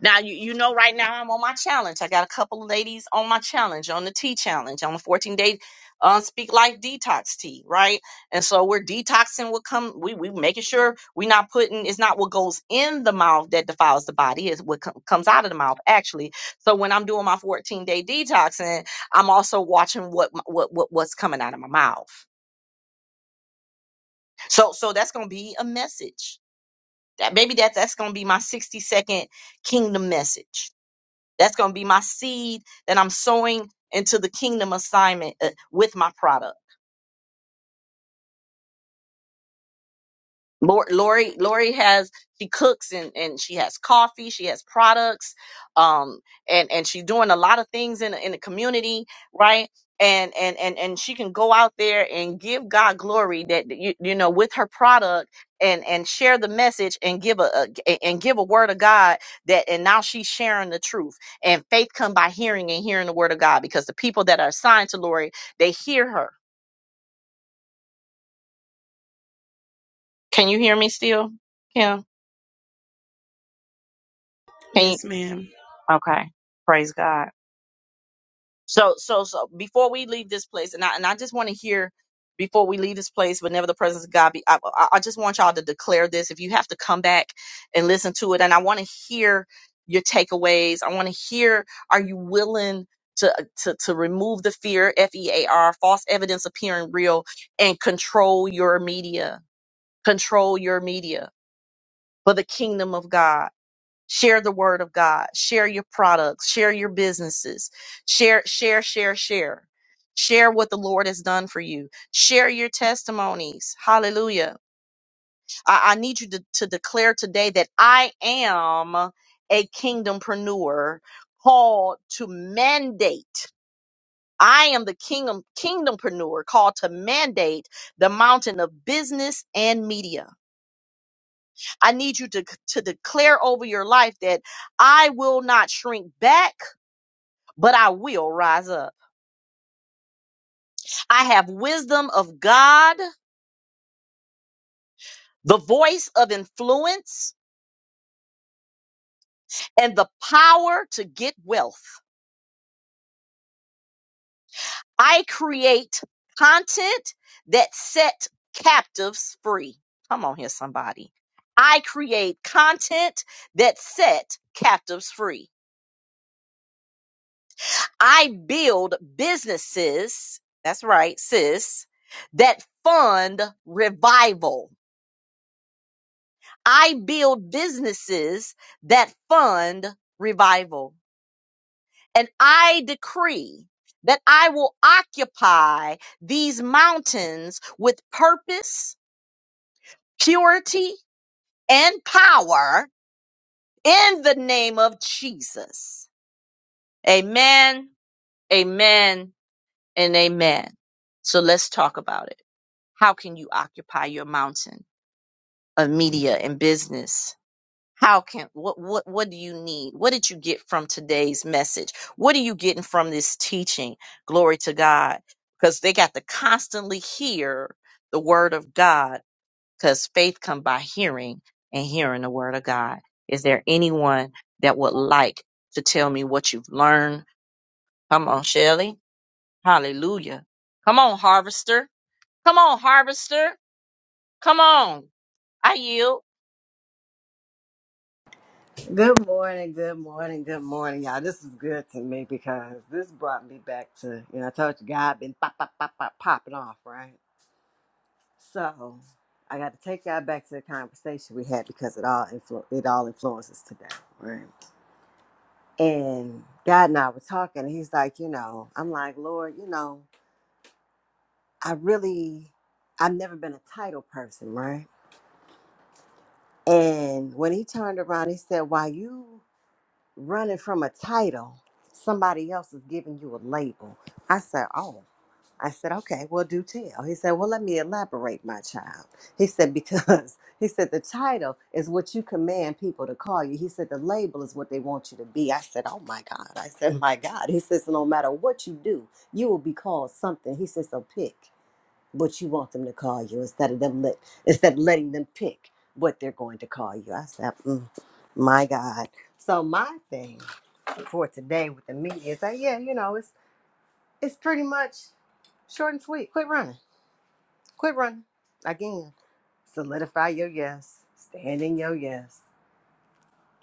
A: Now you, you know right now I'm on my challenge. I got a couple of ladies on my challenge, on the tea challenge, on the 14 day uh, speak life detox tea, right? And so we're detoxing what come we we making sure we're not putting it's not what goes in the mouth that defiles the body, it's what com- comes out of the mouth actually. So when I'm doing my 14 day detoxing, I'm also watching what m- what what what's coming out of my mouth. So so that's gonna be a message. That maybe that that's gonna be my 60 second kingdom message That's going to be my seed that I'm sowing into the kingdom assignment uh, with my product. Lor- Lori Lori has she cooks and and she has coffee, she has products, um, and and she's doing a lot of things in the- in the community, right? And and and and she can go out there and give God glory that you you know with her product and and share the message and give a, a and give a word of God that and now she's sharing the truth and faith come by hearing and hearing the word of God because the people that are assigned to Lori they hear her. Can you hear me still? Yeah. Can you?
B: Yes, ma'am.
A: Okay. Praise God So so so before we leave this place, and I and I just want to hear before we leave this place, whenever the presence of God be, I, I I just want y'all to declare this. If you have to come back and listen to it, and I want to hear your takeaways. I want to hear, are you willing to to to remove the fear, F E A R, false evidence appearing real, and control your media, control your media for the kingdom of God share the word of god share your products share your businesses share share share share share what the lord has done for you share your testimonies hallelujah i, I need you to, to declare today that i am a kingdompreneur called to mandate I am the kingdom kingdompreneur called to mandate the mountain of business and media. I need you to, to declare over your life that I will not shrink back. but I will rise up. I have wisdom of God, the voice of influence, and the power to get wealth. I create content that set captives free. Come on here, somebody. I create content that set captives free. I build businesses. That's right, sis, that fund revival. I build businesses that fund revival. And I decree that I will occupy these mountains with purpose, purity, and power in the name of Jesus. Amen, amen, and amen. So let's talk about it. How can you occupy your mountain of media and business? how can what what what do you need what did you get from today's message what are you getting from this teaching glory to god because they got to constantly hear the word of god because faith come by hearing and hearing the word of god is there anyone that would like to tell me what you've learned come on Shelley. hallelujah come on harvester come on harvester come on i yield
C: Good morning, good morning, good morning, y'all. This is good to me because this brought me back to, you know, I told you, God been pop, pop, pop, pop, popping off, right? So I got to take y'all back to the conversation we had because it all influ- it all influences today, right? And God and I were talking, and He's like, you know, I'm like, Lord, you know, I really, I've never been a title person, right? And when He turned around, He said, "Why you?" running from a title, somebody else is giving you a label. I said, Oh, I said, okay, well, do tell. He said, Well, let me elaborate, my child. He said, Because he said, the title is what you command people to call you. He said, the label is what they want you to be. I said, Oh my God. I said, My God. He says, No matter what you do, you will be called something. He says, So pick what you want them to call you instead of them let instead of letting them pick what they're going to call you. I said, mm, my God. So my thing for today with the media is that yeah, you know, it's it's pretty much short and sweet. Quit running. Quit running. Again, solidify your yes. Stand in your yes.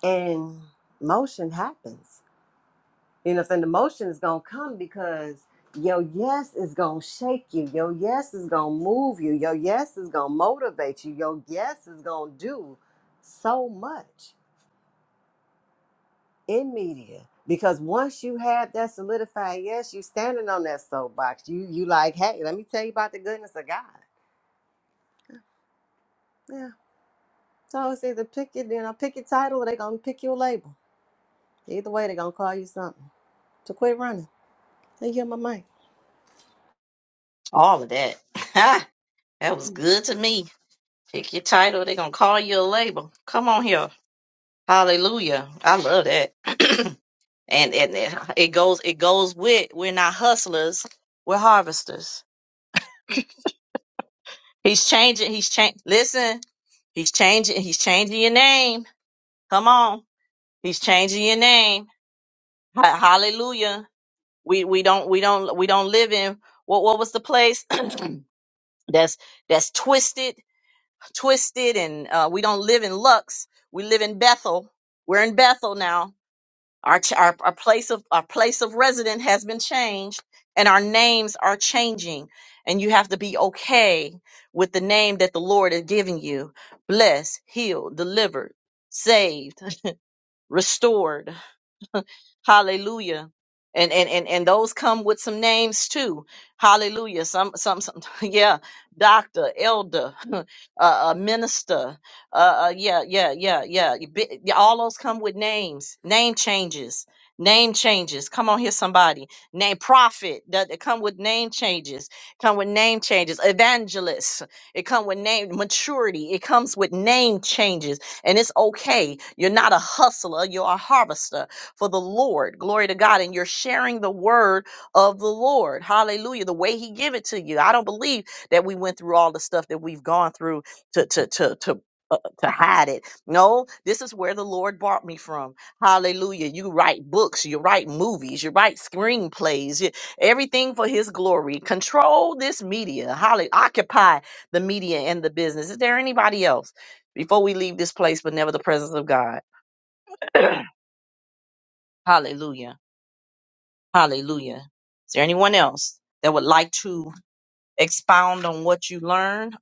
C: And motion happens. You know, saying the motion is gonna come because your yes is gonna shake you. Your yes is gonna move you. Your yes is gonna motivate you. Your yes is gonna do so much in media. Because once you have that solidified yes, you standing on that soapbox. You you like, hey, let me tell you about the goodness of God. Yeah. So it's either pick your you know, pick your title or they gonna pick your label. Either way, they gonna call you something. So quit running. They get my mic.
A: all of that that was good to me Pick your title. They're gonna call you a label. Come on here. Hallelujah. I love that. and and it it goes it goes with we're not hustlers, we're harvesters. He's changing, he's changing listen, he's changing, he's changing your name. Come on. He's changing your name. Ha- Hallelujah. We we don't we don't we don't live in what what was the place? that's that's twisted twisted and uh, we don't live in Lux. We live in Bethel. We're in Bethel now. Our, ch- our our place of our place of resident has been changed and our names are changing. And you have to be okay with the name that the Lord is giving you. Blessed, healed, delivered, saved, restored Hallelujah. And and and and those come with some names too. Hallelujah. Some some some yeah, doctor, elder, uh, uh minister. Uh, uh yeah, yeah, yeah, yeah. You bi- yeah, All those come with names. Name changes. Name changes. Come on here somebody. Name prophet that that come with name changes. Come with name changes. Evangelist. It come with name maturity. It comes with name changes and it's okay. You're not a hustler, you're a harvester for the Lord. Glory to God. And you're sharing the word of the Lord. Hallelujah. The way he give it to you. I don't believe that we went through all the stuff that we've gone through to to to to uh, to hide it. No, this is where the Lord brought me from. Hallelujah. You write books, you write movies, you write screenplays, you, everything for his glory. Control this media. Hallelujah. Occupy the media and the business. Is there anybody else before we leave this place, but never the presence of God? Hallelujah. Hallelujah. Is there anyone else that would like to expound on what you learned?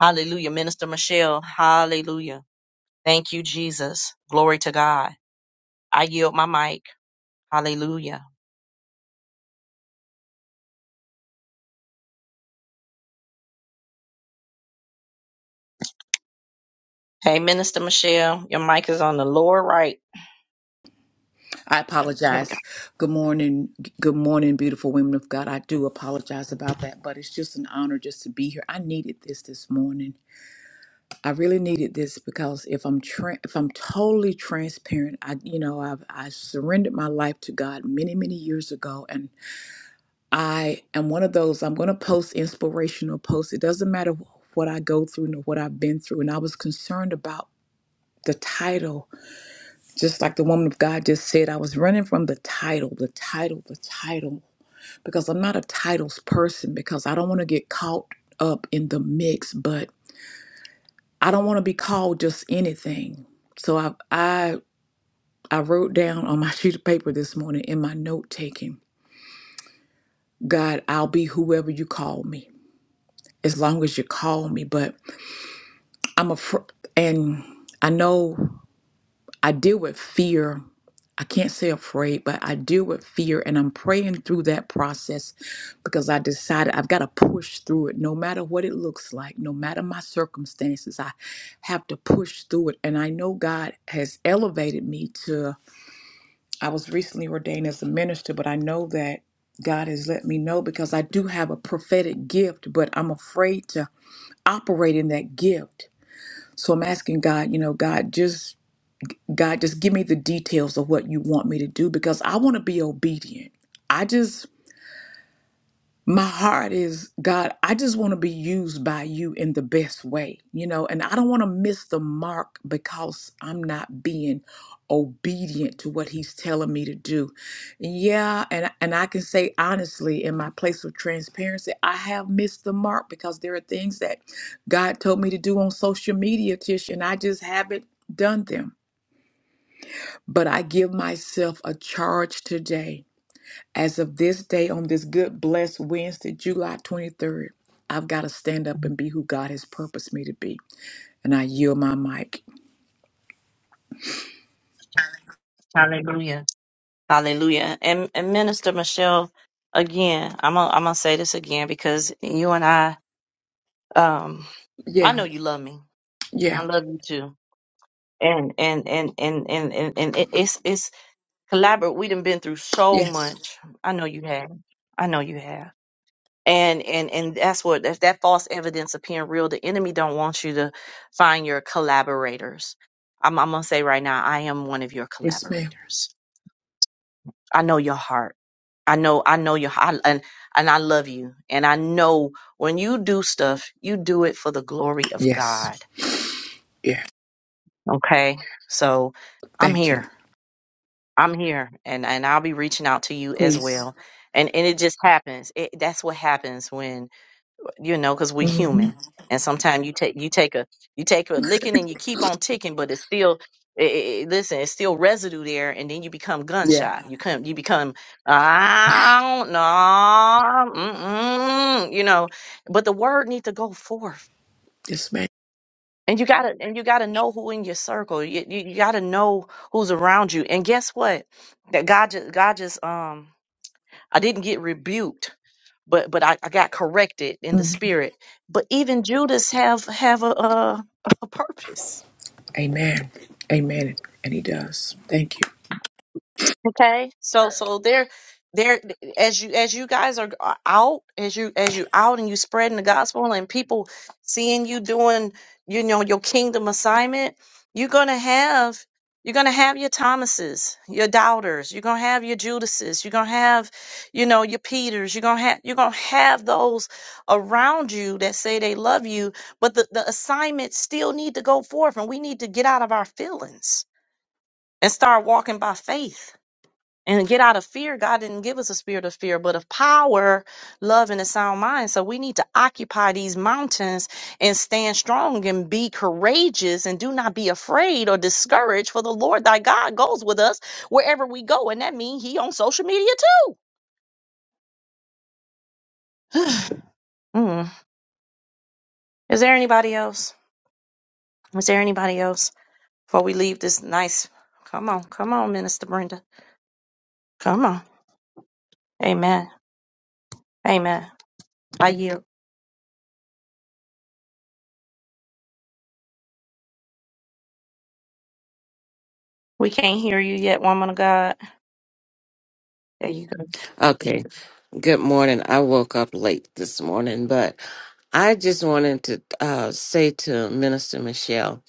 A: Hallelujah. Minister Michelle, hallelujah. Thank you, Jesus. Glory to God. I yield my mic. Hallelujah. Hey, Minister Michelle, your mic is on the lower right.
D: I
A: There we go.
D: apologize. Good morning. Good morning, beautiful women of God. I do apologize about that, but it's just an honor just to be here. I needed this this morning. I really needed this because if I'm tra- if I'm totally transparent, I you know, I've I surrendered my life to God many, many years ago and I am one of those I'm going to post inspirational posts. It doesn't matter what I go through nor what I've been through and I was concerned about the title just like the woman of God just said, I was running from the title, the title, the title, because I'm not a titles person, because I don't want to get caught up in the mix, but I don't want to be called just anything. So I, I, I wrote down on my sheet of paper this morning in my note taking, God, I'll be whoever you call me, as long as you call me. But I'm a, and I know I deal with fear. I can't say afraid, but I deal with fear and I'm praying through that process because I decided I've got to push through it no matter what it looks like, no matter my circumstances. I have to push through it. And I know God has elevated me to, I was recently ordained as a minister, but I know that God has let me know because I do have a prophetic gift, but I'm afraid to operate in that gift. So I'm asking God, you know, God, just God, just give me the details of what you want me to do because I want to be obedient. I just, my heart is, God, I just want to be used by you in the best way, you know, and I don't want to miss the mark because I'm not being obedient to what he's telling me to do. Yeah, and and I can say honestly in my place of transparency, I have missed the mark because there are things that God told me to do on social media, Tish, and I just haven't done them but I give myself a charge today. As of this day, on this good, blessed Wednesday, July 23rd, I've got to stand up and be who God has purposed me to be. And I yield my mic.
A: Hallelujah. Hallelujah. And, and Minister Michelle, again, I'm gonna, I'm gonna say this again because you and I, um, I
D: Yeah,
A: know you love me, and I
D: yeah,
A: love you too and and and and and, and, and it- it's it's collaborate. We done been through so
D: yes.
A: much. I know you have. I know you have. And and and that's what that's that false evidence appearing real. The enemy don't want you to find your collaborators. I'm, I'm gonna say right now, I am one of your
D: Yes, ma'am.
A: collaborators. I know your heart. I know I know your heart, and and I love you. And I know when you do stuff, you do it for the glory of
D: Yes,
A: God.
D: yeah.
A: Okay, so I'm
D: Thank you.
A: here. I'm here and, and I'll be reaching out to you as
D: Please.
A: well. And and it just happens. It, that's what happens when you know, because we're
D: hmm
A: human. And sometimes you take you take a you take a licking and you keep on ticking, but it's still i i i- listen, it's still residue there, and then you become gun
D: Yeah.
A: shy. You come, you become I don't know, mm-mm, you know. But the word need to go forth
D: Yes, ma'am.
A: and you gotta and you gotta know who in your circle. You, you, you gotta know who's around you. And guess what? That God just God just um I didn't get rebuked, but but I, I got corrected in the
D: hmm
A: spirit. But even Judas have have a a, a purpose
D: Amen. Amen. And he does. Thank you.
A: Okay. So so there there as you as you guys are out, as you as you out and you spreading the gospel and people seeing you doing, you know, your kingdom assignment, you're gonna have you're gonna have your Thomases, your doubters, you're gonna have your Judases, you're gonna have, you know, your Peters, you're gonna have you're gonna have those around you that say they love you, but the, the assignments still need to go forth and we need to get out of our feelings and start walking by faith and get out of fear. God didn't give us a spirit of fear, but of power, love, and a sound mind. So we need to occupy these mountains and stand strong and be courageous and do not be afraid or discouraged. For the Lord thy God goes with us wherever we go, and that means He on social media too. Mm. Is there anybody else? Is there anybody else before we leave this nice? Come on, come on, Minister Brenda. Come on. Amen. Amen. I yield. We can't hear you yet, woman of God. There you
E: Okay. Good morning. I woke up late this morning, but I just wanted to uh, say to Minister Michelle,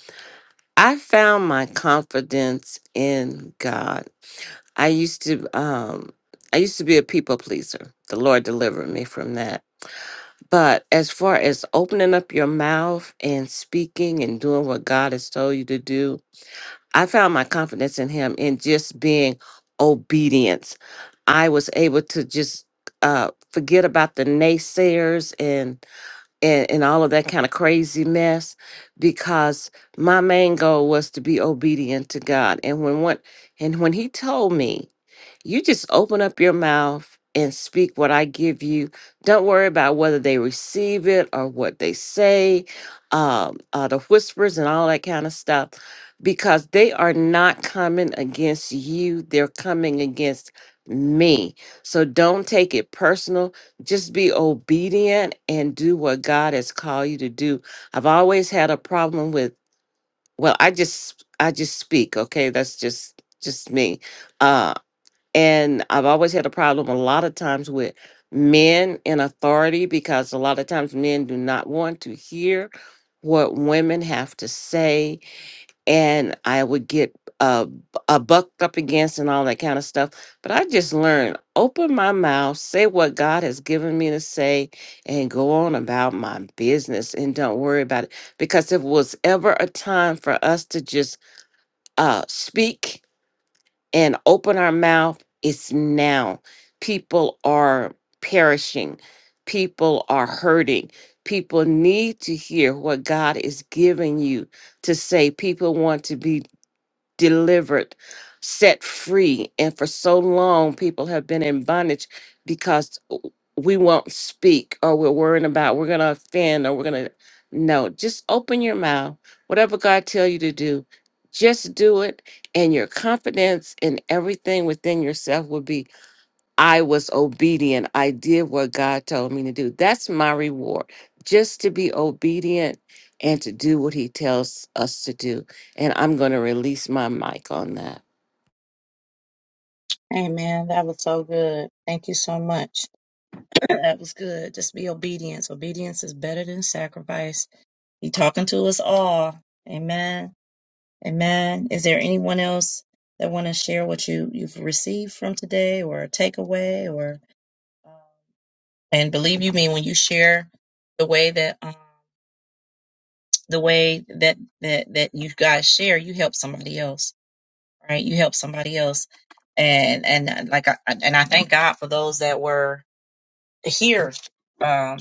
E: I found my confidence in God. I used to, um, I used to be a people pleaser. The Lord delivered me from that. But as far as opening up your mouth and speaking and doing what God has told you to do, I found my confidence in him in just being obedience. I was able to just uh, forget about the naysayers and, and and all of that kind of crazy mess because my main goal was to be obedient to God. And when what and when he told me you just open up your mouth and speak what I give you. Don't worry about whether they receive it or what they say, um, uh, the whispers and all that kind of stuff, because they are not coming against you. They're coming against me. So don't take it personal. Just be obedient and do what God has called you to do. I've always had a problem with, well, I just, I just speak. Okay. That's just, just me Uh, and I've always had a problem a lot of times with men in authority because a lot of times men do not want to hear what women have to say. And I would get uh, b- uh, bucked up against and all that kind of stuff. But I just learned open my mouth, say what God has given me to say, and go on about my business and don't worry about it. Because if it was ever a time for us to just uh, speak, and open our mouth, it's now. People are perishing, people are hurting. People need to hear what God is giving you to say. People want to be delivered, set free. And for so long, people have been in bondage because we won't speak or we're worrying about we're going to offend or we're going to. No, just open your mouth. Whatever God tell you to do, just do it. And your confidence in everything within yourself will be I was obedient. I did what God told me to do. That's my reward, just to be obedient and to do what He tells us to do. And I'm going to release my mic on that.
A: Amen. That was so good. Thank you so much. that was good. Just be obedience. Obedience is better than sacrifice. He talking to us all. Amen. Amen. Is there anyone else that want to share what you you've received from today, or a takeaway, or um, and believe you me when you share the way that um, the way that that that you guys share, you help somebody else. Right? You help somebody else. And and uh, like I, and I thank God for those that were here um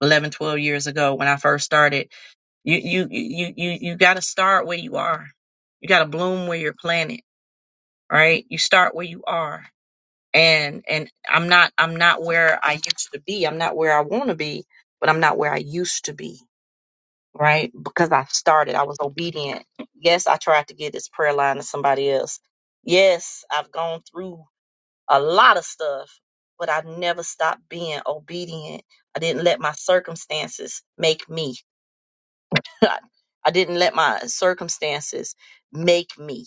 A: 11, 12 years ago when i first started you you you you, you got to start where you are you got to bloom where you're planted right you start where you are and and i'm not i'm not where i used to be i'm not where i want to be but i'm not where i used to be right because i started i was obedient yes i tried to get this prayer line to somebody else yes i've gone through a lot of stuff, but I never stopped being obedient. I didn't let my circumstances make me. I I didn't let my circumstances make me.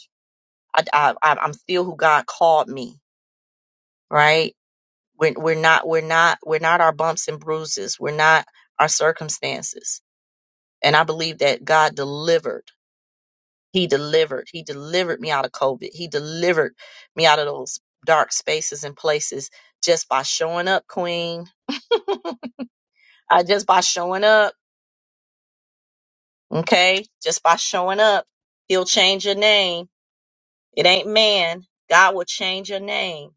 A: I, I, I- I'm still who God called me. Right? We're, we're not. We're not. We're not our bumps and bruises. We're not our circumstances. And I believe that God delivered. He delivered. He delivered me out of COVID. He delivered me out of those dark spaces and places just by showing up, Queen Uh, just by showing up, okay? Just by showing up, he'll change your name. It ain't man. God will change your name,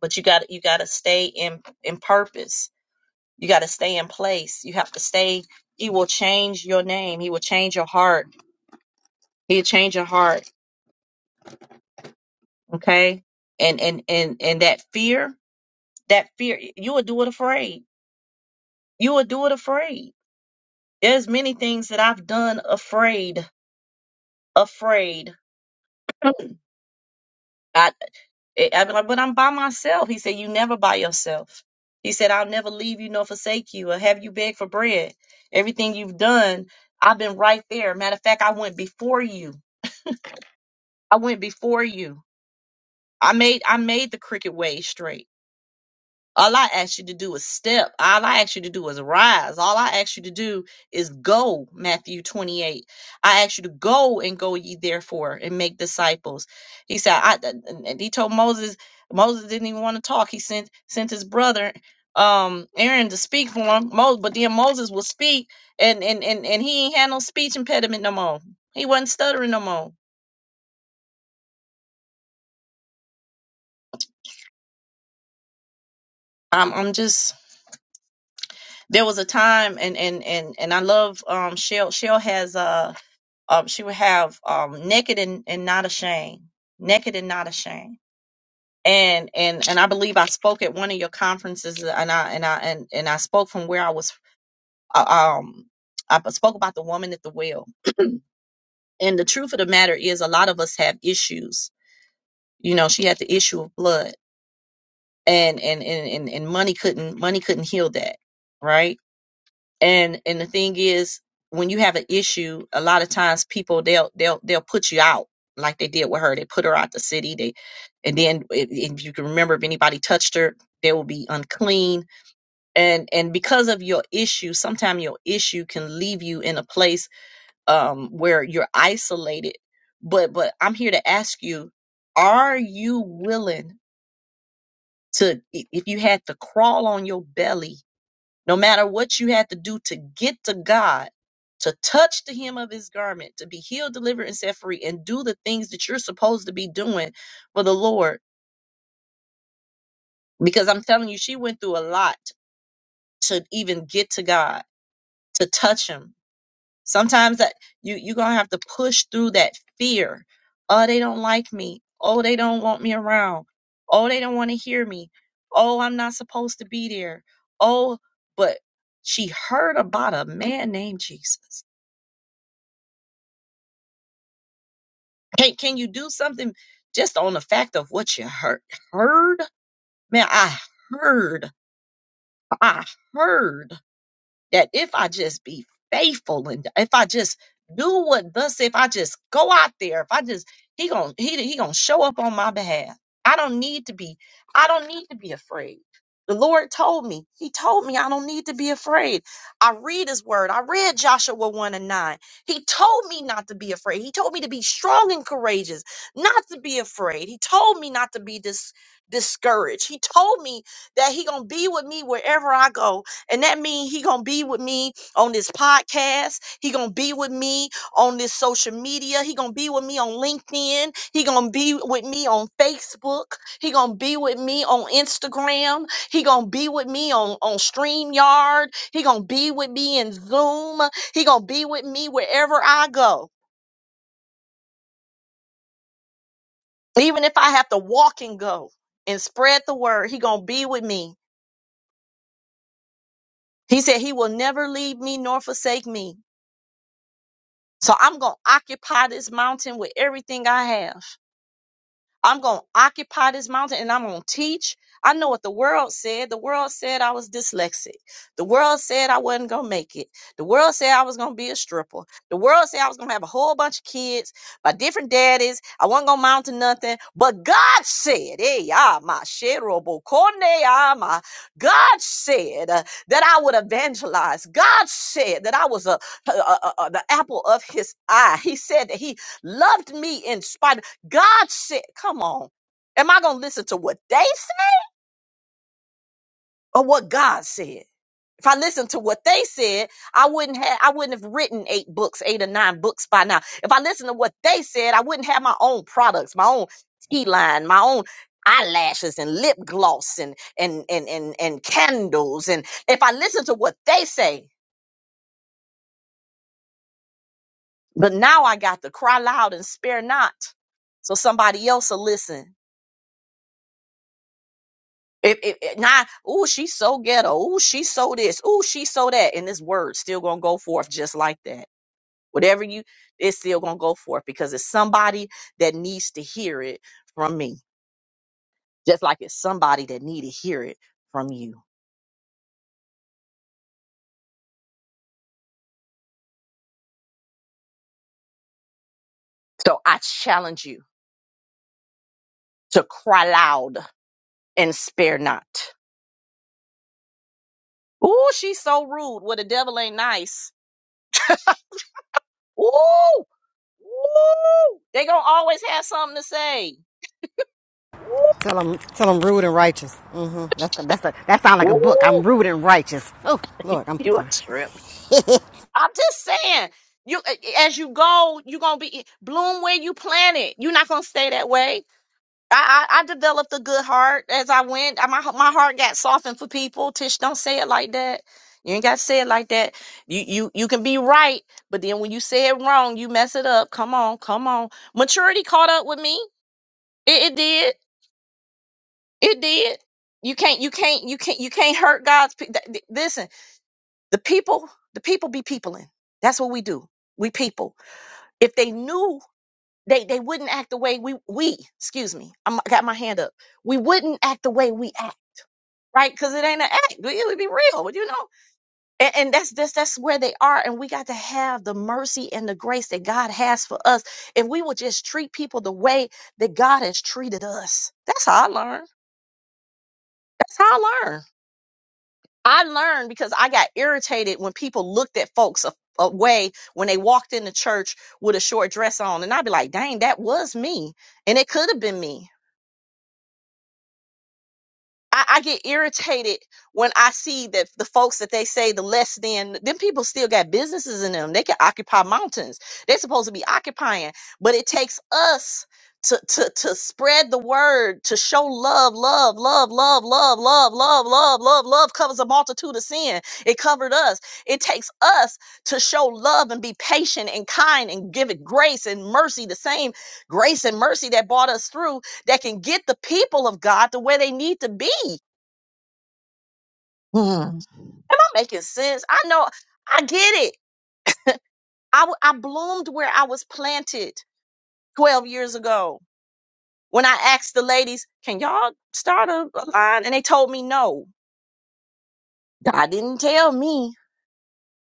A: but you got you got to stay in in purpose. You got to stay in place. You have to stay. He will change your name. He will change your heart. He'll change your heart, okay? And and and and that fear, that fear, you will do it afraid. You will do it afraid. There's many things that I've done afraid, afraid. I. I'd be like, but I'm by myself. He said, You never by yourself. He said, I'll never leave you nor forsake you or have you beg for bread. Everything you've done, I've been right there. Matter of fact, I went before you. I went before you. I made I made the crooked way straight. All I asked you to do is step. All I asked you to do is rise. All I asked you to do is go, Matthew 28. I asked you to go and go ye therefore and make disciples. He said, I and and he told Moses, Moses didn't even want to talk. He sent sent his brother um Aaron to speak for him. Moses, but then Moses will speak and and and, and he ain't had no speech impediment no more. He wasn't stuttering no more. I'm I'm just there was a time and and and and I love um Shell Shell has uh. Um, she would have um, naked and, and not ashamed, naked and not ashamed. And and and I believe I spoke at one of your conferences, uh, and I and I and, and I spoke from where I was. Uh, um, I spoke about the woman at the well. And the truth of the matter is, a lot of us have issues. You know, she had the issue of blood, and and and and, and money couldn't money couldn't heal that, right? and and the thing is when you have an issue a lot of times people they'll they'll they'll put you out like they did with her they put her out the city they and then if, if you can remember if anybody touched her they will be unclean and and because of your issue sometimes your issue can leave you in a place um where you're isolated but but i'm here to ask you are you willing to i- if you had to crawl on your belly no matter what you had to do to get to God, to touch the hem of his garment, to be healed, delivered, and set free, and do the things that you're supposed to be doing for the Lord. Because I'm telling you, she went through a lot to even get to God, to touch him. Sometimes that you you're gonna have to push through that fear. Oh, they don't like me. Oh, they don't want me around. Oh, they don't want to hear me. Oh, I'm not supposed to be there. Oh, but she heard about a man named Jesus Can can you do something just on the fact of what you heard? Heard? Man, I heard. I heard that if I just be faithful and if I just do what thus if I just go out there, if I just he gonna he he gonna show up on my behalf. I don't need to be I don't need to be afraid. The Lord told me, He told me I don't need to be afraid. I read His word. I read Joshua 1 and 9. He told me not to be afraid. He told me to be strong and courageous, not to be afraid. He told me not to be dis- discouraged. He told me that He gonna be with me wherever I go and that means he gonna be with me on this podcast. He gonna be with me on this social media. He gonna be with me on LinkedIn. He gonna be with me on Facebook. He gonna be with me on Instagram. He gonna be with me on on Streamyard. He gonna be with me in Zoom. He gonna be with me wherever I go, even if I have to walk and go and spread the word. He gonna be with me. He said he will never leave me nor forsake me. So I'm going to occupy this mountain with everything I have. I'm going to occupy this mountain and I'm going to teach. I know what the world said. The world said I was dyslexic. The world said I wasn't going to make it. The world said I was going to be a stripper. The world said I was going to have a whole bunch of kids by different daddies. I wasn't going to mount to nothing. But God said, hey, ah, my sherobo kone, ah, my. God said uh, that I would evangelize. God said that I was a, a- a- a- the apple of his eye. He said that he loved me in spite. God said, come on. Am I going to listen to what they said or what God said? If I listened to what they said, I wouldn't have, I wouldn't have written eight books, eight or nine books by now. If I listened to what they said, I wouldn't have my own products, my own tea line, my own eyelashes and lip gloss and, and, and, and, and candles. And if I listened to what they say, but now I got to cry loud and spare not. So somebody else will listen It, it, it not, ooh, she's so ghetto. Ooh, she's so this. Ooh, she's so that. And this word still gonna go forth just like that. Whatever you, it's still gonna go forth because it's somebody that needs to hear it from me, just like it's somebody that need to hear it from you. So I challenge you to cry loud and spare not. Ooh, she's so rude. Well, the devil ain't nice. Ooh, ooh, they gonna always have something to say. Ooh,
C: Tell them, tell them rude and righteous. mm hmm That's that's a, that sounds like a book.
A: ooh,
C: I'm rude and righteous. Oh Lord, I'm so
A: you a
C: sorry.
A: trip.
C: Can
A: I'm just saying, you as you go, you're gonna be bloom where you planted. You're not gonna stay that way. I, I, I developed a good heart as I went. I- My my heart got softened for people. Tish, don't say it like that. You ain't got to say it like that. You you you can be right, but then when you say it wrong, you mess it up. Come on, come on. Maturity caught up with me. It, it did. It did. You can't you can't you can't you can't hurt God's. pe- th- th- Listen, the people the people be peopling. That's what we do. We people. if they knew they they wouldn't act the way we we excuse me I'm- i got my hand up we wouldn't act the way we act right because it ain't an act it would be real would you know and, and that's that's that's where they are and we got to have the mercy and the grace that god has for us if we would just treat people the way that god has treated us that's how i learn that's how i learn I learned because I got irritated when people looked at folks a, a way when they walked into church with a short dress on. And I'd be like, dang, that was me. And it could have been me. I, I get irritated when I see that the folks that they say the less than them people still got businesses in them. They can occupy mountains. They're supposed to be occupying, but it takes us to to to spread the word, to show love, love, love, love, love, love, love, love, love, love covers a multitude of sin. It covered us. It takes us to show love and be patient and kind and give it grace and mercy, the same grace and mercy that brought us through that can get the people of God to where they need to be me. Mm. Am I making sense? I know. I get it. I, w- I bloomed where I was planted 12 years ago when I asked the ladies, can y'all start a, a line? And they told me no. God didn't tell me.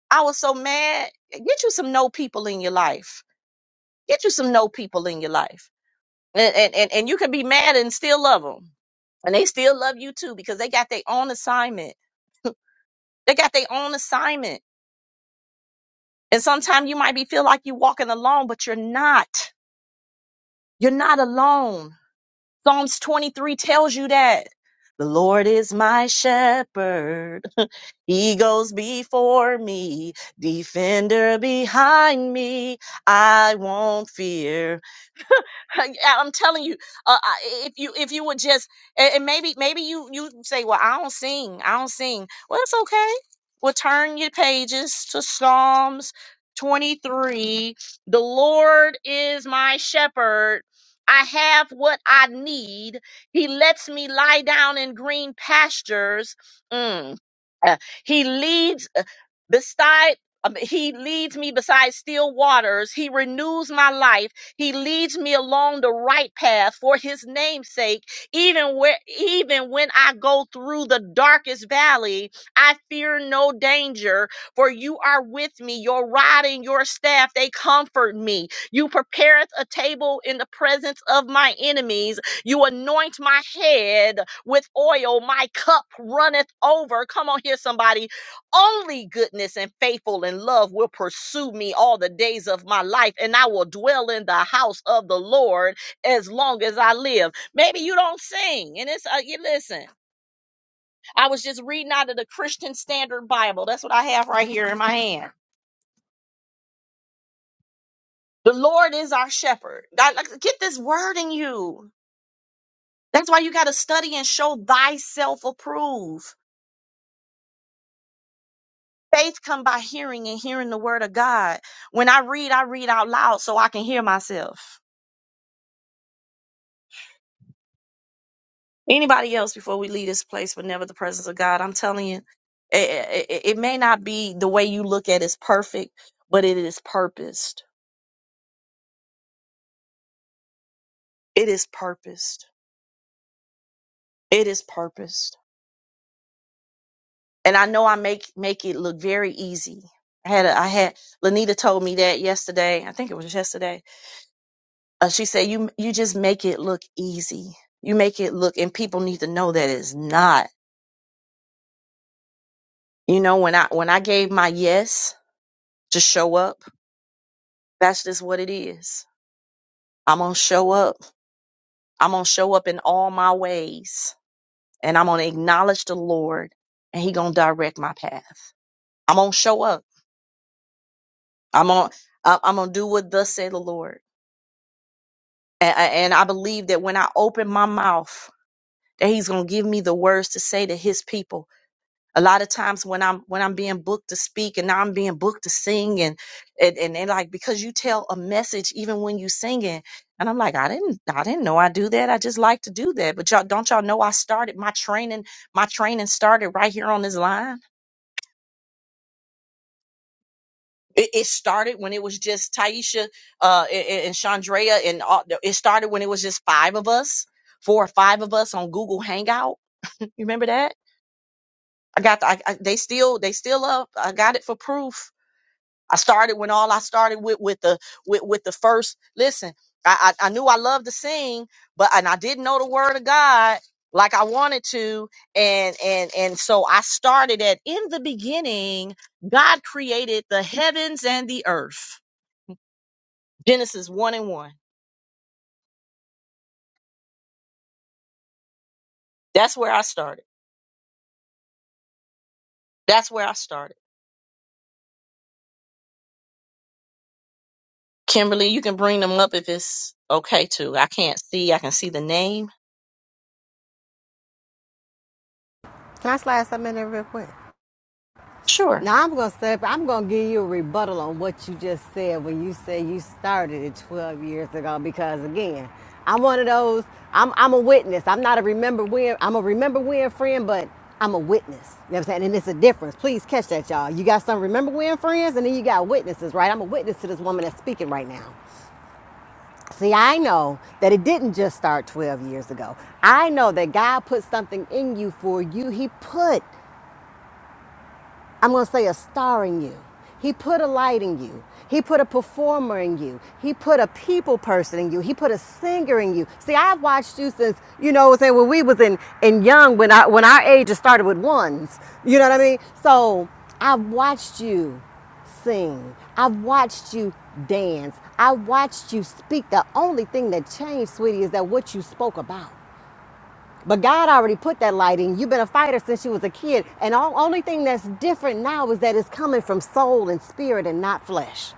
A: I was so mad. Get you some no people in your life. Get you some no people in your life. And, and, and, and you can be mad and still love them. And they still love you too because they got their own assignment. They got their own assignment. And sometimes you might be feel like you're walking alone, but you're not You're not alone. Psalms 23 tells you that. The Lord is my shepherd. He goes before me, defender behind me. I won't fear. Yeah, I'm telling you, uh, I- if you if you would just and, and maybe maybe you you say, well, I don't sing, I don't sing. Well, it's okay. Well, turn your pages to Psalms 23. The Lord is my shepherd. I have what I need. He lets me lie down in green pastures. Mm. Uh, He leads uh, beside. um, He leads me beside still waters. He renews my life. He leads me along the right path for his name's sake. Even where even when I go through the darkest valley, I fear no danger, for you are with me. Your rod and your staff, they comfort me. You prepareth a table in the presence of my enemies. You anoint my head with oil. My cup runneth over. Come on here, somebody only goodness and faithful and love will pursue me all the days of my life, and I will dwell in the house of the Lord as long as I live. Maybe you don't sing, and it's uh, you listen. I was just reading out of the Christian Standard Bible. That's what I have right here in my hand. The Lord is our shepherd. God, like, get this word in you. That's why you got to study and show thyself approved. Faith come by hearing and hearing the word of God. When I read, I read out loud so I can hear myself. anybody else before we leave this place, but never the presence of God. I'm telling you, it, it, it may not be the way you look at is perfect, but it is purposed. It is purposed. It is purposed. And I know I make make it look very easy. I had a, I had Lanita told me that yesterday. I think it was yesterday. Uh, she said you you just make it look easy. You make it look, and people need to know that it's not. You know when I when I gave my yes to show up, that's just what it is I'm going to show up. I'm going to show up in all my ways and I'm going to acknowledge the Lord and he going to direct my path. I'm going to show up. I'm going to I'm going to do what thus say the Lord. And, and I believe that when I open my mouth that he's going to give me the words to say to his people a lot of times when i'm when i'm being booked to speak and now i'm being booked to sing and and and, and like because you tell a message even when you singing and i'm like i didn't i didn't know i do that i just like to do that but y'all don't y'all know i started my training my training started right here on this line it, it started when it was just Taisha uh, and, and Chandrea, and all, it started when it was just five of us, four or five of us on Google Hangout. You remember that? I got, the, I, I, they still, they still up. I got it for proof I started when all I started with with the with with the first listen. I I, I knew I loved to sing, but and I didn't know the word of God like I wanted to, and and and so I started at in the beginning, God created the heavens and the earth. Genesis one and one. That's where I started. That's where I started. Kimberly, you can bring them up if it's okay too. I can't see. I can see the name.
C: I slide something in there real quick?
A: Sure.
C: Now I'm gonna say, I'm gonna give you a rebuttal on what you just said when you say you started it 12 years ago. Because again, I'm one of those. I'm I'm a witness. I'm not a remember when. I'm a remember when friend, but I'm a witness. You know what I'm saying? And it's a difference. Please catch that, y'all. You got some remember when friends, and then you got witnesses, right? I'm a witness to this woman that's speaking right now. See, I know that it didn't just start 12 years ago. I know that God put something in you for you. He put I'm going to say a star in you. He put a light in you. He put a performer in you. He put a people person in you. He put a singer in you. See, I've watched you since, you know, what I'm saying when we was in in young, when I when our ages started with ones. You know what I mean? So I've watched you sing. I've watched you dance. I watched you speak. The only thing that changed, sweetie, is that what you spoke about. But God already put that light in. You've been a fighter since you was a kid. And the only thing that's different now is that it's coming from soul and spirit and not flesh.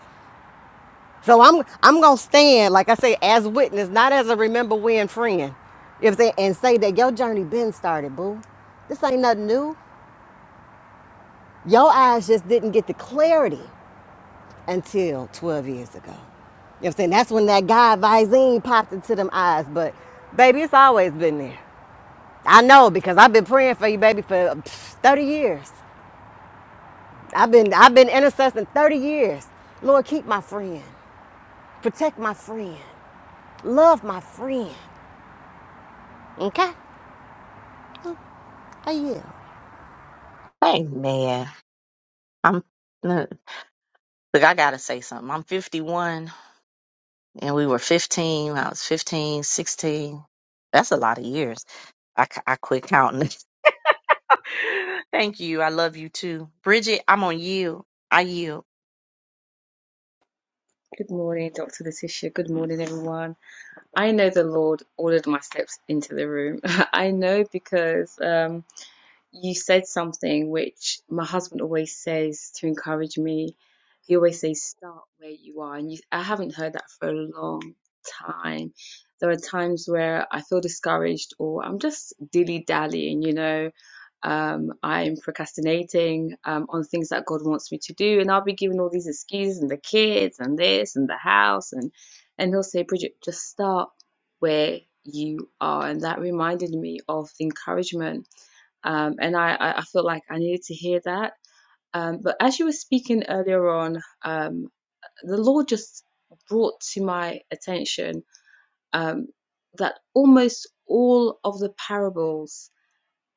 C: So I'm I'm gonna stand, like I say, as witness, not as a remember when friend. If they and say that your journey been started, boo. This ain't nothing new. Your eyes just didn't get the clarity until 12 years ago. You know what I'm saying? That's when that guy Visine popped into them eyes. But baby, it's always been there. I know because I've been praying for you, baby, for 30 years. I've been I've been intercessing 30 years. Lord, keep my friend. Protect my friend. Love my friend. Okay? I yield.
A: Hey man, I'm look. look, I gotta say something. I'm 51 and we were 15. I was 15, 16. That's a lot of years. I, c- I quit counting. Thank you. I love you too. Bridget, I'm on you. I yield.
F: Good morning, Dr. Letitia. Good morning, everyone. I know the Lord ordered my steps into the room. I know because um, you said something which my husband always says to encourage me. He always says, start where you are. And you, I haven't heard that for a long time. There are times where I feel discouraged or I'm just dilly dallying, you know. Um, I'm procrastinating um, on things that God wants me to do, and I'll be giving all these excuses and the kids and this and the house, and and He'll say, Bridget, just start where you are, and that reminded me of the encouragement um, and I, I I feel like I needed to hear that. Um, but as you were speaking earlier on, um, the Lord just brought to my attention um, that almost all of the parables,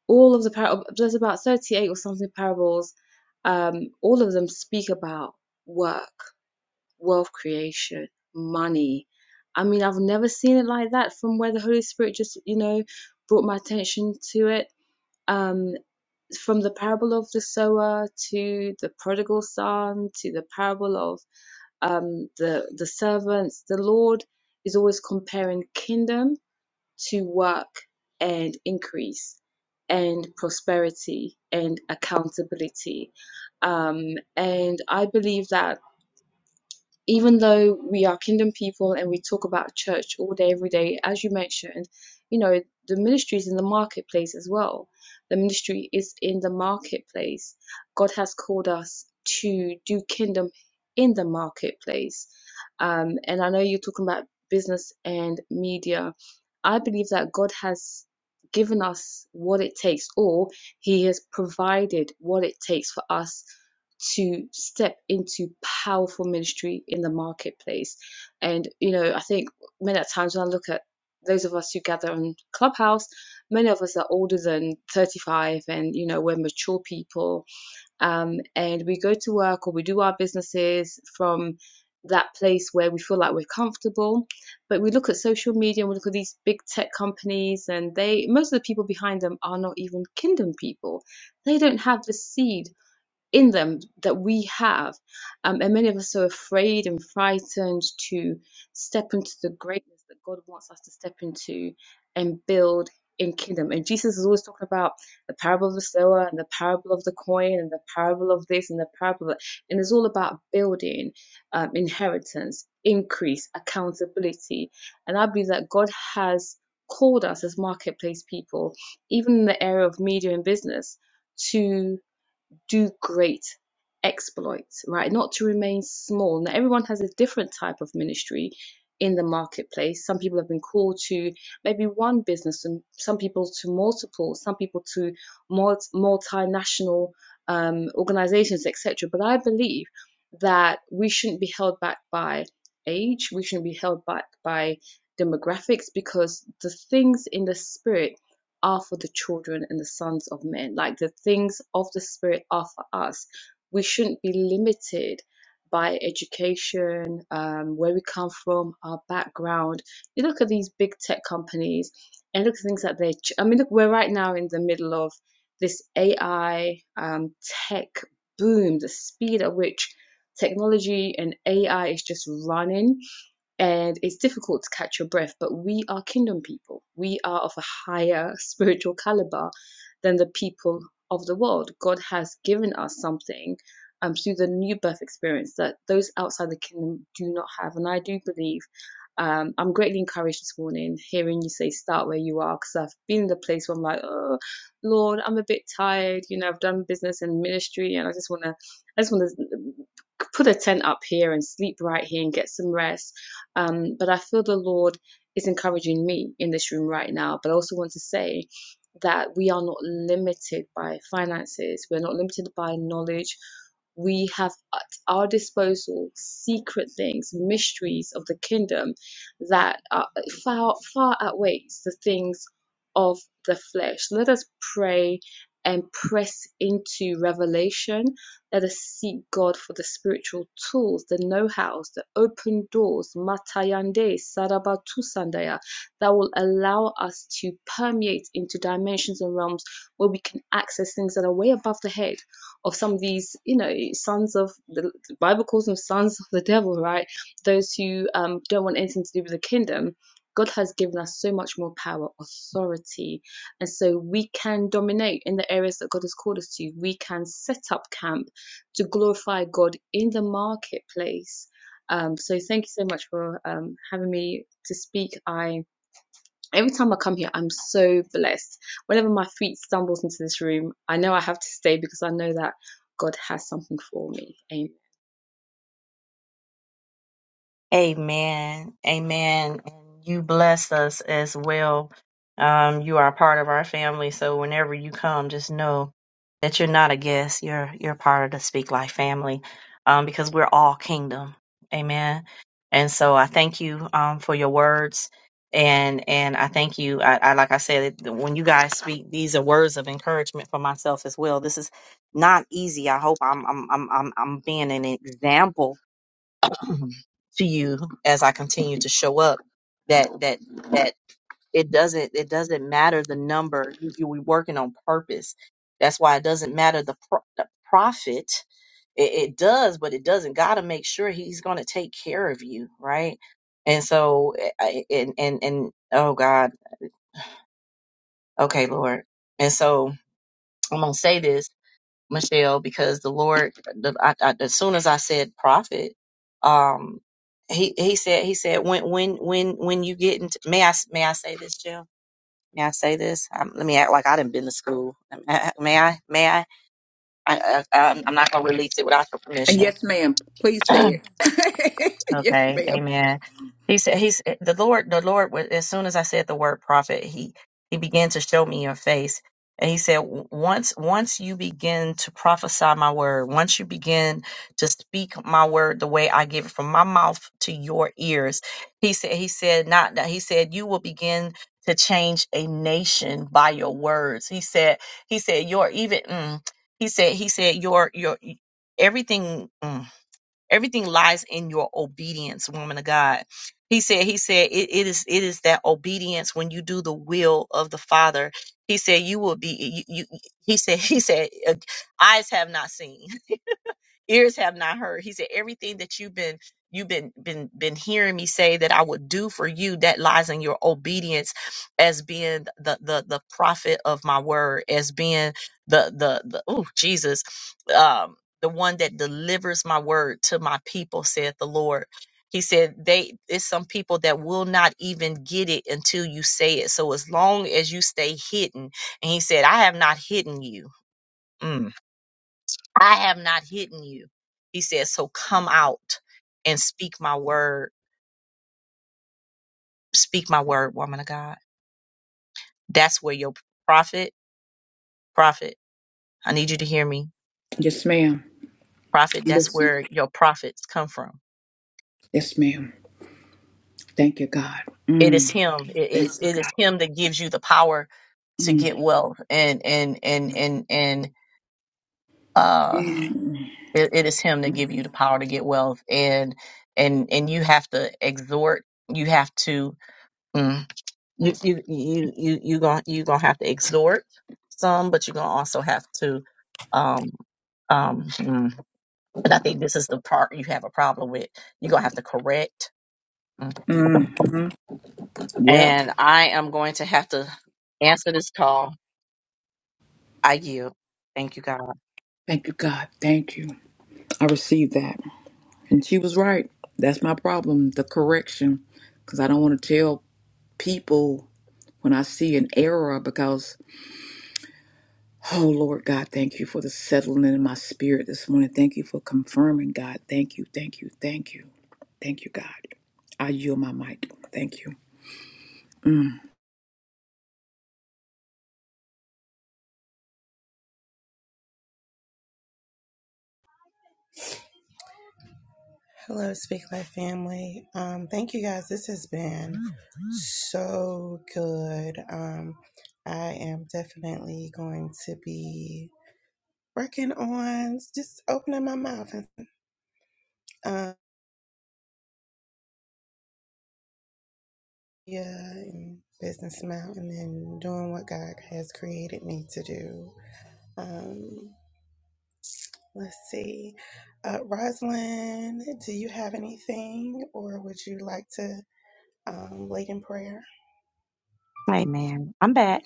F: all of the parables, there's about 38 or something parables, um, all of them speak about work, wealth creation, money. I mean, I've never seen it like that from where the Holy Spirit just, you know, brought my attention to it. Um, from the parable of the sower to the prodigal son to the parable of um, the the servants, the Lord is always comparing kingdom to work and increase and prosperity and accountability. Um, and I believe that even though we are kingdom people and we talk about church all day, every day, as you mentioned, you know, the ministry is in the marketplace as well. The ministry is in the marketplace. God has called us to do kingdom in the marketplace. Um, and I know you're talking about business and media. I believe that God has given us what it takes, or He has provided what it takes for us to step into powerful ministry in the marketplace. And, you know, I think many at times when I look at those of us who gather on Clubhouse, many of us are older than 35 and, you know, we're mature people. Um, and we go to work or we do our businesses from that place where we feel like we're comfortable. But we look at social media and we look at these big tech companies, and they, most of the people behind them are not even kingdom people. They don't have the seed in them that we have. Um, and many of us are afraid and frightened to step into the greatness that God wants us to step into and build in kingdom. And Jesus is always talking about the parable of the sower and the parable of the coin and the parable of this and the parable of that. And it's all about building um, inheritance, increase, accountability. And I believe that God has called us as marketplace people, even in the area of media and business, to do great exploits, right? Not to remain small. Now, everyone has a different type of ministry in the marketplace. Some people have been called to maybe one business, and some people to multiple, some people to multi- multinational um, organizations, etc. But I believe that we shouldn't be held back by age, we shouldn't be held back by demographics because the things in the spirit are for the children and the sons of men. Like the things of the Spirit are for us. We shouldn't be limited by education, um, where we come from, our background. You look at these big tech companies and look at things that they, ch- I mean, look, we're right now in the middle of this AI um, tech boom, the speed at which technology and AI is just running and it's difficult to catch your breath, but we are kingdom people. We are of a higher spiritual caliber than the people of the world. God has given us something um, through the new birth experience that those outside the kingdom do not have. And I do believe um, I'm greatly encouraged this morning hearing you say start where you are because I've been in the place where I'm like, oh Lord, I'm a bit tired. You know, I've done business and ministry, and I just want to, I just want to put a tent up here and sleep right here and get some rest um, but I feel the Lord is encouraging me in this room right now. But I also want to say that we are not limited by finances, we're not limited by knowledge. We have at our disposal secret things, mysteries of the kingdom that are far, far outweighs the things of the flesh. Let us pray and press into revelation let us seek God for the spiritual tools, the know-hows, the open doors, matayande, sarabatu sandaya, that will allow us to permeate into dimensions and realms where we can access things that are way above the head of some of these, you know, sons of the, the Bible calls them sons of the devil, right? Those who um, don't want anything to do with the kingdom. God has given us so much more power, authority, and so we can dominate in the areas that God has called us to. We can set up camp to glorify God in the marketplace. Um, so thank you so much for um, having me to speak. I every time I come here, I'm so blessed. Whenever my feet stumbles into this room, I know I have to stay because I know that God has something for me. Amen.
A: Amen. Amen. And you bless us as well. Um, you are part of our family, so whenever you come, just know that you're not a guest. You're you're part of the Speak Life family, um, because we're all kingdom. Amen. And so I thank you um, for your words, and and I thank you. I, I like I said, it- when you guys speak, these are words of encouragement for myself as well. This is not easy. I hope I'm I'm I'm I'm I'm being an example to you as I continue to show up that that that it doesn't it doesn't matter the number you, you we working on purpose that's why it doesn't matter the, pro- the profit it, it does but it doesn't got to make sure he's going to take care of you right and so eh, I, and and and oh god okay lord and so i'm going to say this Michelle, because the Lord, the, I, I, as soon as I said prophet, um, he he said he said when when when when you get into may I may I say this, Jill? May I say this? Um, let me act like I didn't been to school. May I? May I? I, I I'm I'm not gonna release it without your
D: And
A: permission.
D: yes, ma'am. Please say it. yes,
A: Okay,
D: ma'am.
A: amen. He said, "He's the Lord. The Lord. was- As soon as I said the word prophet, he he began to show me your face, and he said, "W- once once you begin to prophesy my word, once you begin to speak my word the way I give it from my mouth to your ears, he said, he said not that he said you will begin." to change a nation by your words he said he said your even mm, he said he said your your everything mm, Everything lies in your obedience, woman of God. He said, He said, it, it is it is that obedience when you do the will of the Father. He said, You will be you, you he said, He said, "Uh, eyes have not seen ears have not heard he said everything that you've been you've been been been hearing me say that i would do for you that lies in your obedience as being the the the prophet of my word as being the the, the oh jesus um the one that delivers my word to my people saith the lord he said they it's some people that will not even get it until you say it so as long as you stay hidden and he said i have not hidden you Mm. I have not hidden you. He said, so come out and speak my word. Speak my word, woman of God. That's where your prophet, prophet, I need you to hear me.
D: Yes, ma'am.
A: Prophet, that's
D: Listen.
A: where your prophets come from.
D: Yes, ma'am. Thank you, God.
A: It is
D: Mm.
A: him. It
D: Thank
A: is,
D: you,
A: it is
D: God.
A: him that gives you the power to get wealth and, and, and, and, and, uh,
D: Mm.
A: it, it is him that give you the power to get wealth and, and, and you have to exhort, you have to, mm, you you you you you gonna you gonna have to exhort some, but you're gonna also have to um um mm, and I think this is the part you have a problem with. You're gonna have to correct. Mm.
D: Mm. hmm Yep.
A: And I am going to have to answer this call. I yield. Thank you, God.
D: Thank you, God. Thank you. I received that. And she was right. That's my problem, the correction. Because I don't want to tell people when I see an error because, oh, Lord God, thank you for the settling in my spirit this morning. Thank you for confirming, God. Thank you, thank you, thank you. Thank you, God. I yield my mic. Thank
B: Hello, Speak Life family. Um, thank you guys. This has been so good. Um, I am definitely going to be working on just opening my mouth and um, yeah, and business mouth, and then doing what God has created me to do. Um, let's see. Uh, Rosalind, do you have anything, or would you like to um, lead in prayer?
A: Amen. I'm back.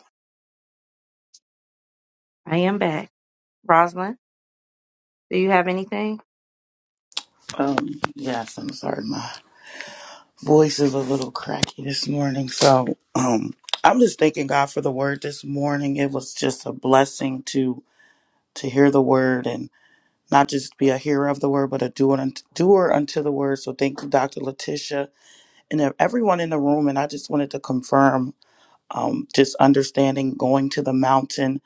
A: I am back. Rosalind, do you have anything?
G: Um, yes, I'm sorry. My voice is a little cracky this morning. So, um, I'm just thanking God for the word this morning. It was just a blessing to to hear the word and not just be a hearer of the word, but a doer unt- doer unto the word. So, thank you, Dr. Letitia, and ev- everyone in the room. And I just wanted to confirm, um, just understanding going to the mountain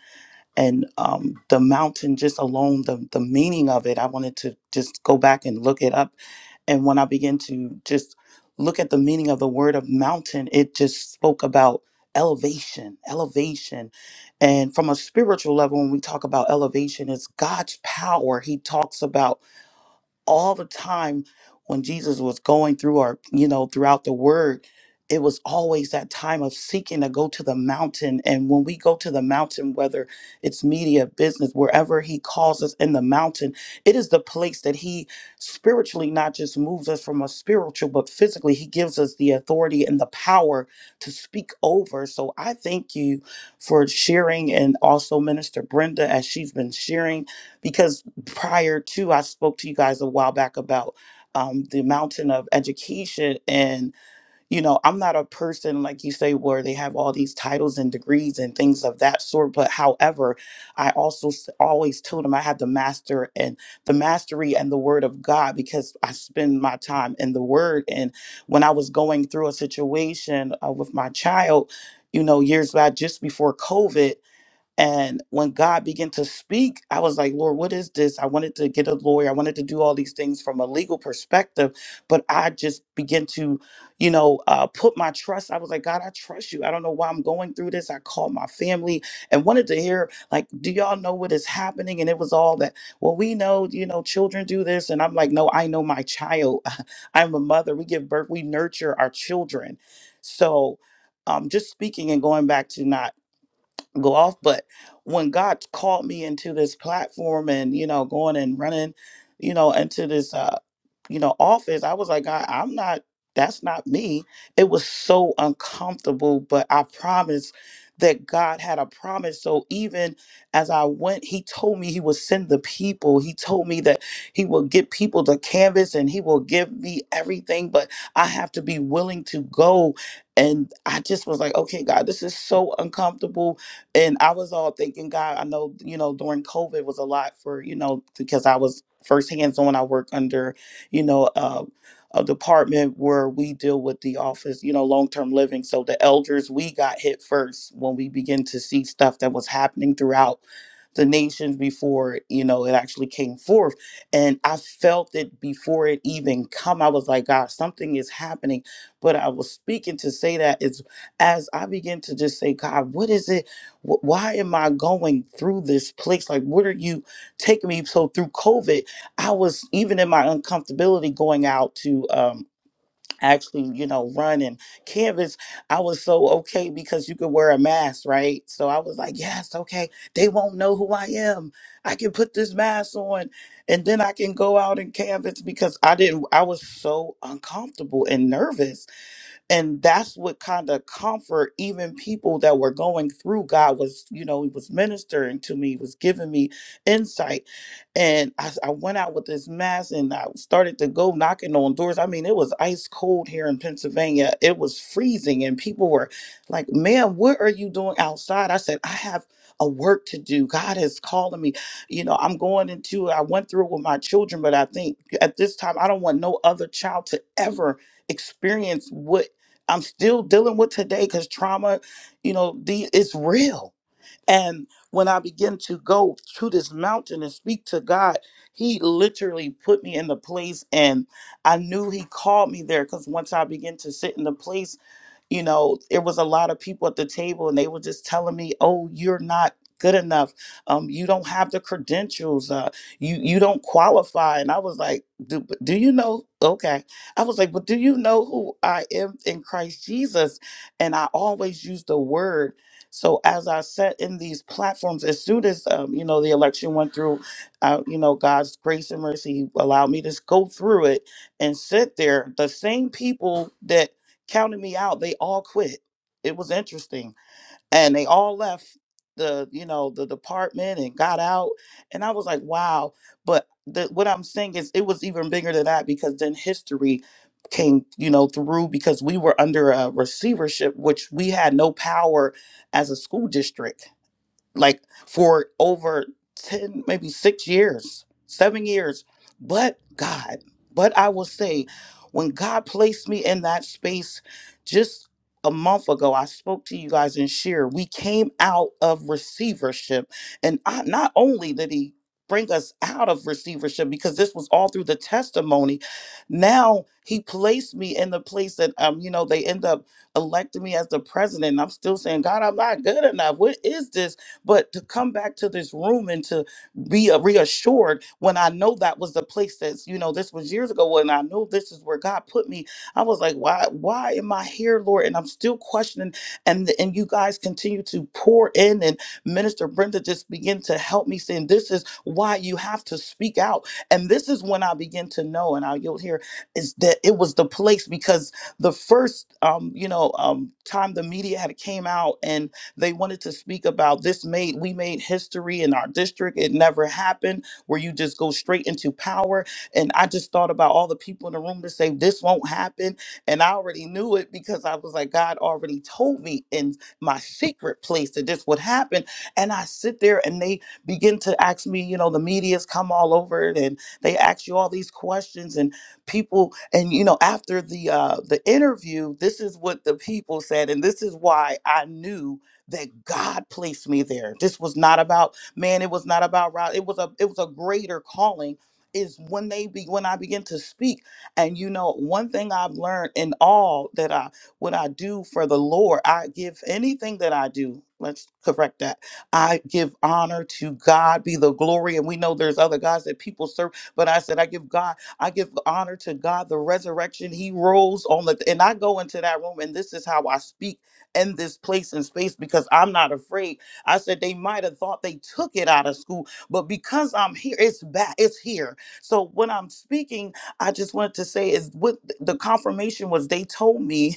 G: and um, the mountain just alone, the the meaning of it. I wanted to just go back and look it up And when I began to just look at the meaning of the word of mountain, it just spoke about elevation, elevation. And from a spiritual level, when we talk about elevation, it's God's power. He talks about all the time when Jesus was going through our, you know, throughout the word, it was always that time of seeking to go to the mountain. And when we go to the mountain, whether it's media, business, wherever he calls us in the mountain, it is the place that he spiritually not just moves us from a spiritual, but physically, he gives us the authority and the power to speak over. So I thank you for sharing and also Minister Brenda as she's been sharing because prior to I spoke to you guys a while back about um, the mountain of education and you know I'm not a person like you say where they have all these titles and degrees and things of that sort but however I also s- always told them I had the master and the mastery and the word of God because I spend my time in the word and when I was going through a situation uh, with my child you know years back just before COVID and when God began to speak, I was like, Lord, what is this? I wanted to get a lawyer. I wanted to do all these things from a legal perspective, but I just began to, you know, uh, put my trust. I was like, God, I trust you. I don't know why I'm going through this. I called my family and wanted to hear, like, do y'all know what is happening? And it was all that, well, we know, you know, children do this. And I'm like, no, I know my child. I'm a mother. We give birth, we nurture our children. So, um, just speaking and going back to not go off but when god called me into this platform and you know going and running you know into this uh, you know, office, I was like, God, I'm not, that's not me. It was so uncomfortable, but I promised that God had a promise. So even as I went, He told me He would send the people. He told me that He will get people to canvas and He will give me everything, but I have to be willing to go. And I just was like, okay, God, this is so uncomfortable. And I was all thinking, God, I know, you know, during COVID was a lot for, you know, because I was first hands on, I work under you know, uh, a department where we deal with the office, you know, long term living. So the elders, we got hit first when we begin to see stuff that was happening throughout the nations before you know it actually came forth and i felt it before it even come i was like god something is happening but i was speaking to say that is as i begin to just say god what is it Wh- why am i going through this place like what are you taking me so through covid I was even in my uncomfortability going out to um, actually, you know, run and canvas. I was so okay because you could wear a mask, right? So I was like, yes, okay. They won't know who I am. I can put this mask on, and then I can go out and canvas because I didn't. I was so uncomfortable and nervous and that's what kind of comfort even people that were going through god was you know he was ministering to me was giving me insight and I, s- I went out with this mask and i started to go knocking on doors i mean it was ice cold here in pennsylvania it was freezing and people were like man what are you doing outside i said i have a work to do god is calling me you know i'm going into i went through it with my children but i think at this time i don't want no other child to ever experience what I'm still dealing with today because trauma, you know, the it's real. And when I begin to go to this mountain and speak to God, He literally put me in the place, and I knew He called me there. Because once I began to sit in the place you know it was a lot of people at the table and they were just telling me oh you're not good enough um you don't have the credentials uh you you don't qualify and i was like do, but do you know okay i was like but do you know who i am in christ jesus and i always use the word so as i said in these platforms as soon as um, you know the election went through uh, you know god's grace and mercy allowed me to s- go through it and sit there the same people counted me out. They all quit. It was interesting. And they all left the, you know, the department and got out. And I was like, wow. But the, what I'm saying is it was even bigger than that because then history came, you know, through because we were under a receivership, which we had no power as a school district like for over 10 maybe 6 years 7 years but god but i will say when god placed me in that space just a month ago i spoke to you guys in share. we came out of receivership and I, not only did he bring us out of receivership because this was all through the testimony now he placed me in the place that um you know they end up electing me as the president and i'm still saying god i'm not good enough what is this but to come back to this room and to be uh, reassured when I know that was the place that's, you know, this was years ago and I know this is where God put me, I was like, why, why am I here, Lord? And I'm still questioning. And and you guys continue to pour in and Minister Brenda just begin to help me saying, this is why you have to speak out. And this is when I begin to know, and I you'll hear is that it was the place because the first um, you know, um time the media had came out and. They wanted to speak about this made we made history in our district. It never happened where you just go straight into power. And I just thought about all the people in the room to say this won't happen. And I already knew it because I was like, God already told me in my secret place that this would happen. And I sit there and they begin to ask me, you know, the media's come all over it and they ask you all these questions and people and you know after the uh the interview this is what the people said and this is why i knew that God placed me there. This was not about man. It was not about Rod. It was a it was a greater calling. Is when they be when I begin to speak, and you know one thing I've learned in all that I what I do for the Lord, I give anything that I do. Let's correct that. I give honor to God, be the glory, and we know there's other gods that people serve, but I said I give God, I give honor to God, the resurrection. He rose on the, and I go into that room, and this is how I speak in this place and space because I'm not afraid. I said they might have thought they took it out of school, but because I'm here, it's back, it's here. So when I'm speaking, I just wanted to say is what the confirmation was they told me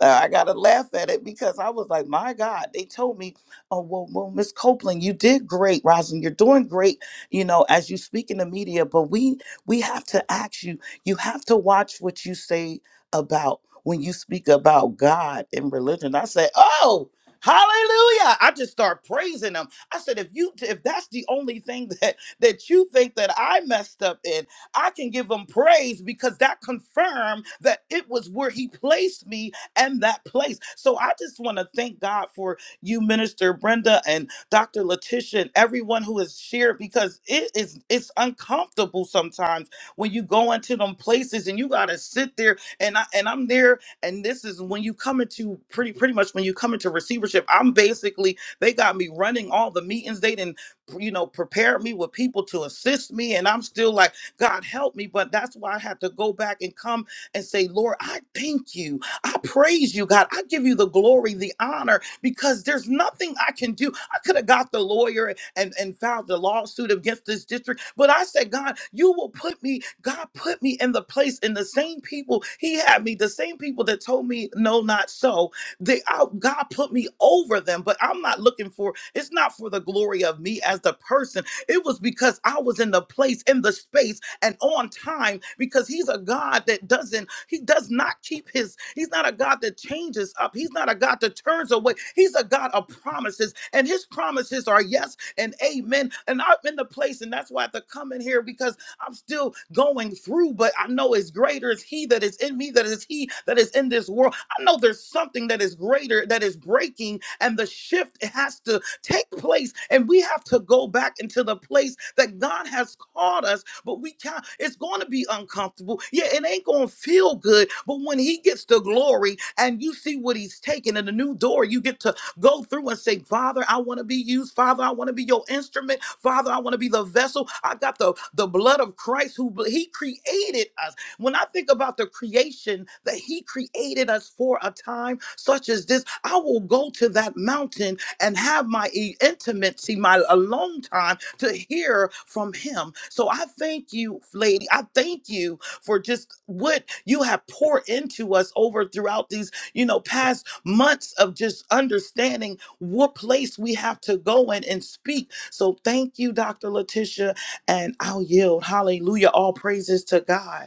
G: uh, I gotta laugh at it because I was like, my God, they told me, oh well, well, Miss Copeland, you did great, Rosin, you're doing great, you know, as you speak in the media. But we we have to ask you, you have to watch what you say about when you speak about God and religion. I said, oh. Hallelujah! I just start praising him. I said, if you if that's the only thing that that you think that I messed up in, I can give him praise because that confirmed that it was where he placed me and that place. So I just want to thank God for you, Minister Brenda and Dr. Letitia, and everyone who has shared because it is it's uncomfortable sometimes when you go into them places and you gotta sit there. And I and I'm there, and this is when you come into pretty pretty much when you come into receivership. I'm basically they got me running all the meetings. They didn't you know prepare me with people to assist me, and I'm still like, God help me. But that's why I have to go back and come and say, Lord, I thank you I praise you, God. I give you the glory, the honor, because there's nothing I can do. I could have got the lawyer and, and filed the lawsuit against this district, but I said, God, you will put me, God put me in the place in the same people He had me, the same people that told me, no, not so. They, I, God put me over them, but I'm not looking for, it's not for the glory of me as the person. It was because I was in the place, in the space and on time because he's a God that doesn't, he does not keep his, he's not a God that changes up. He's not a God that turns away. He's a God of promises and his promises are yes and amen. And I'm in the place and that's why I have to come in here because I'm still going through, but I know it's greater is he that is in me, that is he that is in this world. I know there's something that is greater that is breaking and the shift has to take place and we have to go back into the place that God has called us but we can't. It's going to be uncomfortable. Yeah, it ain't going to feel good. But when He gets the glory and you see what He's taking and the new door, you get to go through and say, Father, I want to be used. Father, I want to be your instrument. Father, I want to be the vessel. I got the, the blood of Christ who He created us. When I think about the creation that He created us for a time such as this, I will go to that mountain and have my e- intimacy, my alone time to hear from him. So I thank you, lady. I thank you for just what you have poured into us over throughout these, you know, past months of just understanding what place we have to go in and speak. So thank you, Dr. Letitia, and I'll yield. Hallelujah. All praises to God.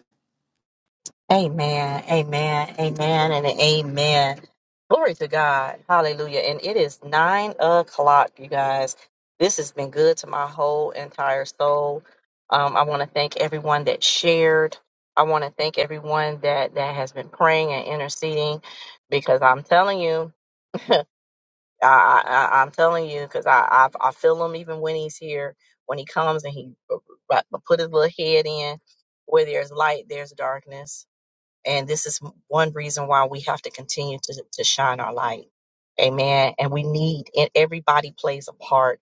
A: Amen, amen, amen, and amen. Glory to God. Hallelujah. And it is nine o'clock, you guys. This has been good to my whole entire soul. Um, I want to thank everyone that shared. I want to thank everyone that, that has been praying and interceding because I'm telling you, I, I, I- I'm telling you, because I, I, I feel him even when he's here, when he comes and he uh, uh, put his little head in, where there's light, there's darkness and this is one reason why we have to continue to, to shine our light. Amen. And we need, and everybody plays a part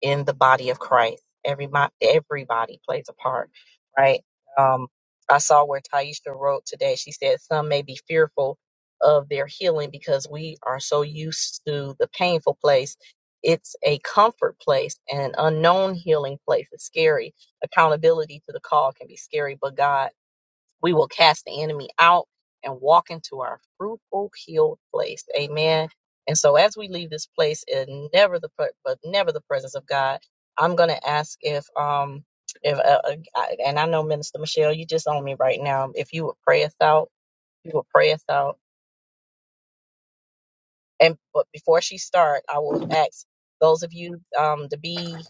A: in the body of Christ. Every, everybody plays a part, right? Um, I saw where Taisha wrote today. She said, Some may be fearful of their healing because we are so used to the painful place. It's a comfort place, an unknown healing place. It's scary. Accountability to the call can be scary, but God we will cast the enemy out and walk into our fruitful, healed place. Amen. And so, as we leave this place, and never the pre- but never the presence of God, I'm going to ask if um if uh, uh, I- and I know Minister Michelle, you just on me right now. If you would pray us out, you would pray us out. And but before she start, I will ask those of you um to be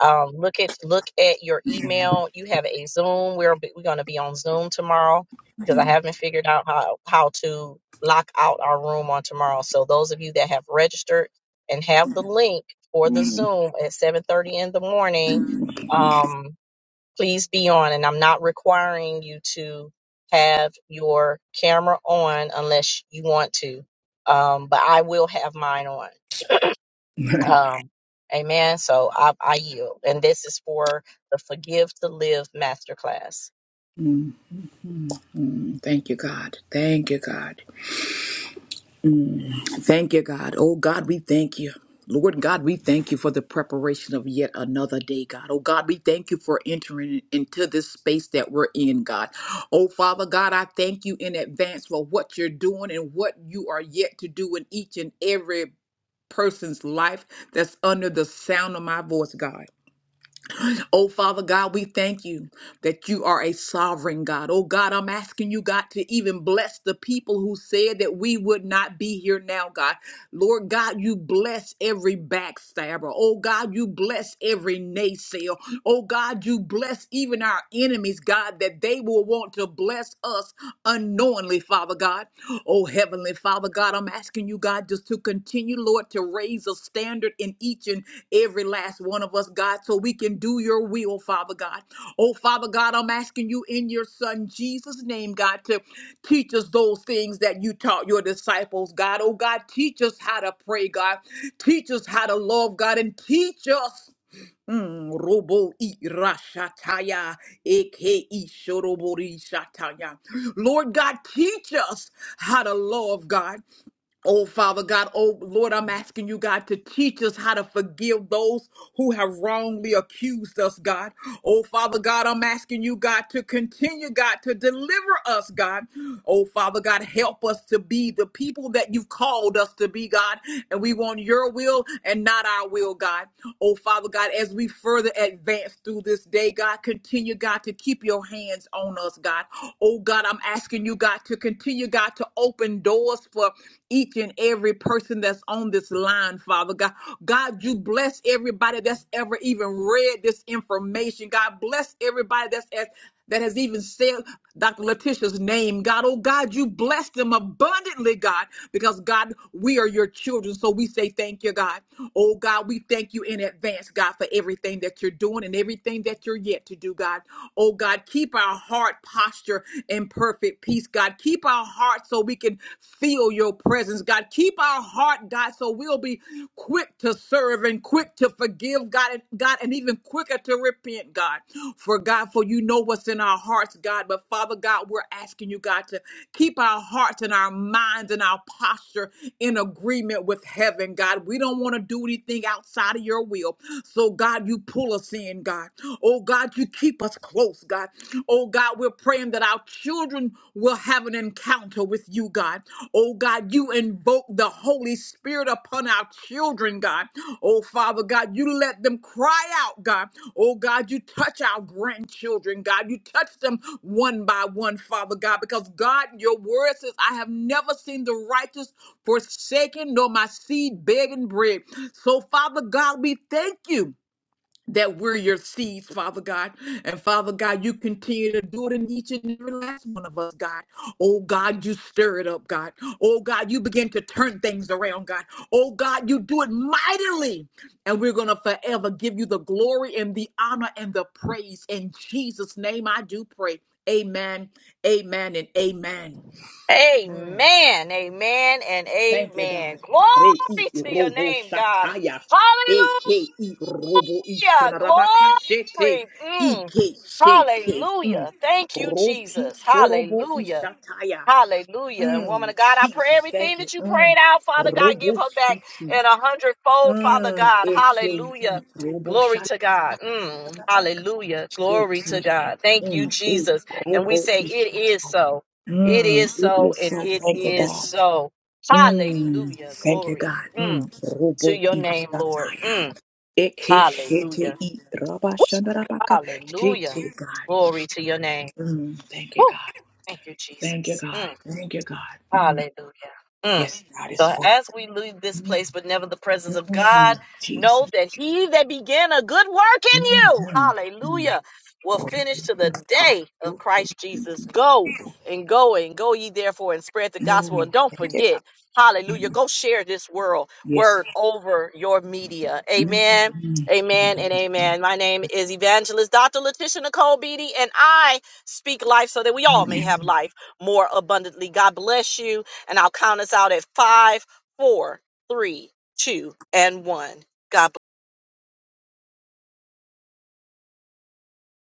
A: um, look at look at your email. You have a Zoom. We're we're going to be on Zoom tomorrow because I haven't figured out how how to lock out our room on tomorrow. So those of you that have registered and have the link for the
D: you.
A: Zoom at 7:30 in the morning, um, please be on. And I'm not requiring you to have your camera on unless you want to. Um, but I will have mine on. Um, amen. So I, I yield. And this is for the Forgive to Live Masterclass.
D: Mm. Mm, Thank you, God. Thank you, God. Mm, Thank you, God. Oh, God, we thank you. Lord God, we thank you for the preparation of yet another day, God. Oh, God, we thank you for entering into this space that we're in, God. Oh, Father God, I thank you in advance for what you're doing and what you are yet to do in each and every person's life that's under the sound of my voice, God. Oh, Father God, we thank you that you are a sovereign God. Oh, God, I'm asking you, God, to even bless the people who said that we would not be here now, God. Lord God, you bless every backstabber. Oh, God, you bless every naysayer. Oh, God, you bless even our enemies, God, that they will want to bless us unknowingly, Father God. Oh, Heavenly Father God, I'm asking you, God, just to continue, Lord, to raise a standard in each and every last one of us, God, so we can do your will, Father God. Oh, Father God, I'm asking you in your Son Jesus' name, God, to teach us those things that you taught your disciples, God. Oh, God, teach us how to pray, God. Teach us how to love, God, and teach us. Mm, robo i rashataya, eke i shorobori shataya. Lord God, teach us how to love God. Oh, Father God, oh Lord, I'm asking you, God, to teach us how to forgive those who have wrongly accused us, God. Oh, Father God, I'm asking you, God, to continue, God, to deliver us, God. Oh, Father God, help us to be the people that you've called us to be, God. And we want your will and not our will, God. Oh, Father God, as we further advance through this day, God, continue, God, to keep your hands on us, God. Oh, God, I'm asking you, God. God, to continue, God, to open doors for each and every person that's on this line, Father God. God, you bless everybody that's ever even read this information. God, bless everybody that's as that has even said Dr. Letitia's name, God. Oh, God, you bless them abundantly, God, because God, we are your children. So we say thank you, God. Oh, God, we thank you in advance, God, for everything that you're doing and everything that you're yet to do, God. Oh, God. God. Keep our heart posture in perfect peace, God. Keep our heart so we can feel your presence, God. Keep our heart, God, so we'll be quick to serve and quick to forgive, God, and, God, and even quicker to repent, God. For God, for you know what's in our hearts, God. But Father God, we're asking you, God, to keep our hearts and our minds and our posture in agreement with heaven, God. We don't want to do anything outside of your will. So, God, you pull us in, God. Oh, God, you keep us close, God. Oh, God, we're praying that our children will have an encounter with you, God. Oh, God, you invoke the Holy Spirit upon our children, God. Oh, Father God, you let them cry out, God. Oh, God, you touch our grandchildren, God. You touch them one by one, Father God, because God, your word says, I have never seen the righteous forsaken, nor my seed begging bread. So, Father God, we thank you that we're your seeds, Father God. And Father God, you continue to do it in each and every last one of us, God. Oh God, you stir it up, God. Oh God, you begin to turn things around, God. Oh God, you do it mightily. And we're going to forever give you the glory and the honor and the praise. In Jesus' name, I do pray. Amen, amen, and amen. Mm.
A: Amen. Amen and
D: Thank you,
A: amen.
D: God. Re i
A: Glory to your
D: robo
A: name, God.
D: shataya.
A: Hallelujah.
D: Eke i robo ishanarabakashete.
A: Glory. Mm.
D: Ike shete. Mm.
A: Hallelujah. Thank you,
D: Roki
A: Jesus.
D: shorobo
A: Hallelujah.
D: ishataya.
A: Hallelujah. And woman
D: Mm.
A: of God, I pray
D: Jesus,
A: everything
D: thank you.
A: that you
D: Mm.
A: prayed out, Father God, give
D: Robo
A: her back
D: shiti.
A: in a hundredfold, Father
D: Mm.
A: God.
D: Eke i
A: Hallelujah.
D: robo
A: Glory to God. Mm,
D: shatarabakashete.
A: hallelujah. Glory to God. Thank you,
D: Mm. E
A: Jesus. And we
D: robo
A: say, It is
D: ishataya.
A: so. It
D: Mm.
A: is
D: It
A: so.
D: is
A: And
D: so.
A: it
D: Thank you,
A: is
D: God.
A: so.
D: Mm,
A: Hallelujah.
D: thank you,
A: Glory
D: God. Mm.
A: mm, to
D: Robo
A: your name, Lord.
D: isataya.
A: Mm,
D: Eke shete
A: hallelujah.
D: i raba
A: Woo,
D: shanda rabaka.
A: Hallelujah.
D: Shete, God.
A: Glory to your name.
D: Mm, thank you,
A: Woo,
D: God.
A: thank you,
D: Thank you,
A: Jesus. Mm.
D: God. Thank you, God. Mm.
A: Hallelujah. Mm.
D: Yes, God is
A: So
D: for
A: as we leave this
D: you.
A: place, but never the presence of
D: Mm,
A: God, know
D: Jesus.
A: that he that began a good work in you,
D: Mm-hmm. Mm.
A: hallelujah, will finish to the day of
D: God.
A: Christ Jesus. Go and go and go ye therefore and spread the gospel.
D: Mm.
A: And don't forget, hallelujah, go share this world
D: Yes.
A: word over your media.
D: Mm.
A: Amen. Amen and amen. My name is Evangelist Dr. Letitia Nicole Beatty, and I speak life so that we all may have life more abundantly. God bless you. And I'll count us out at five, four, three, two, and one. God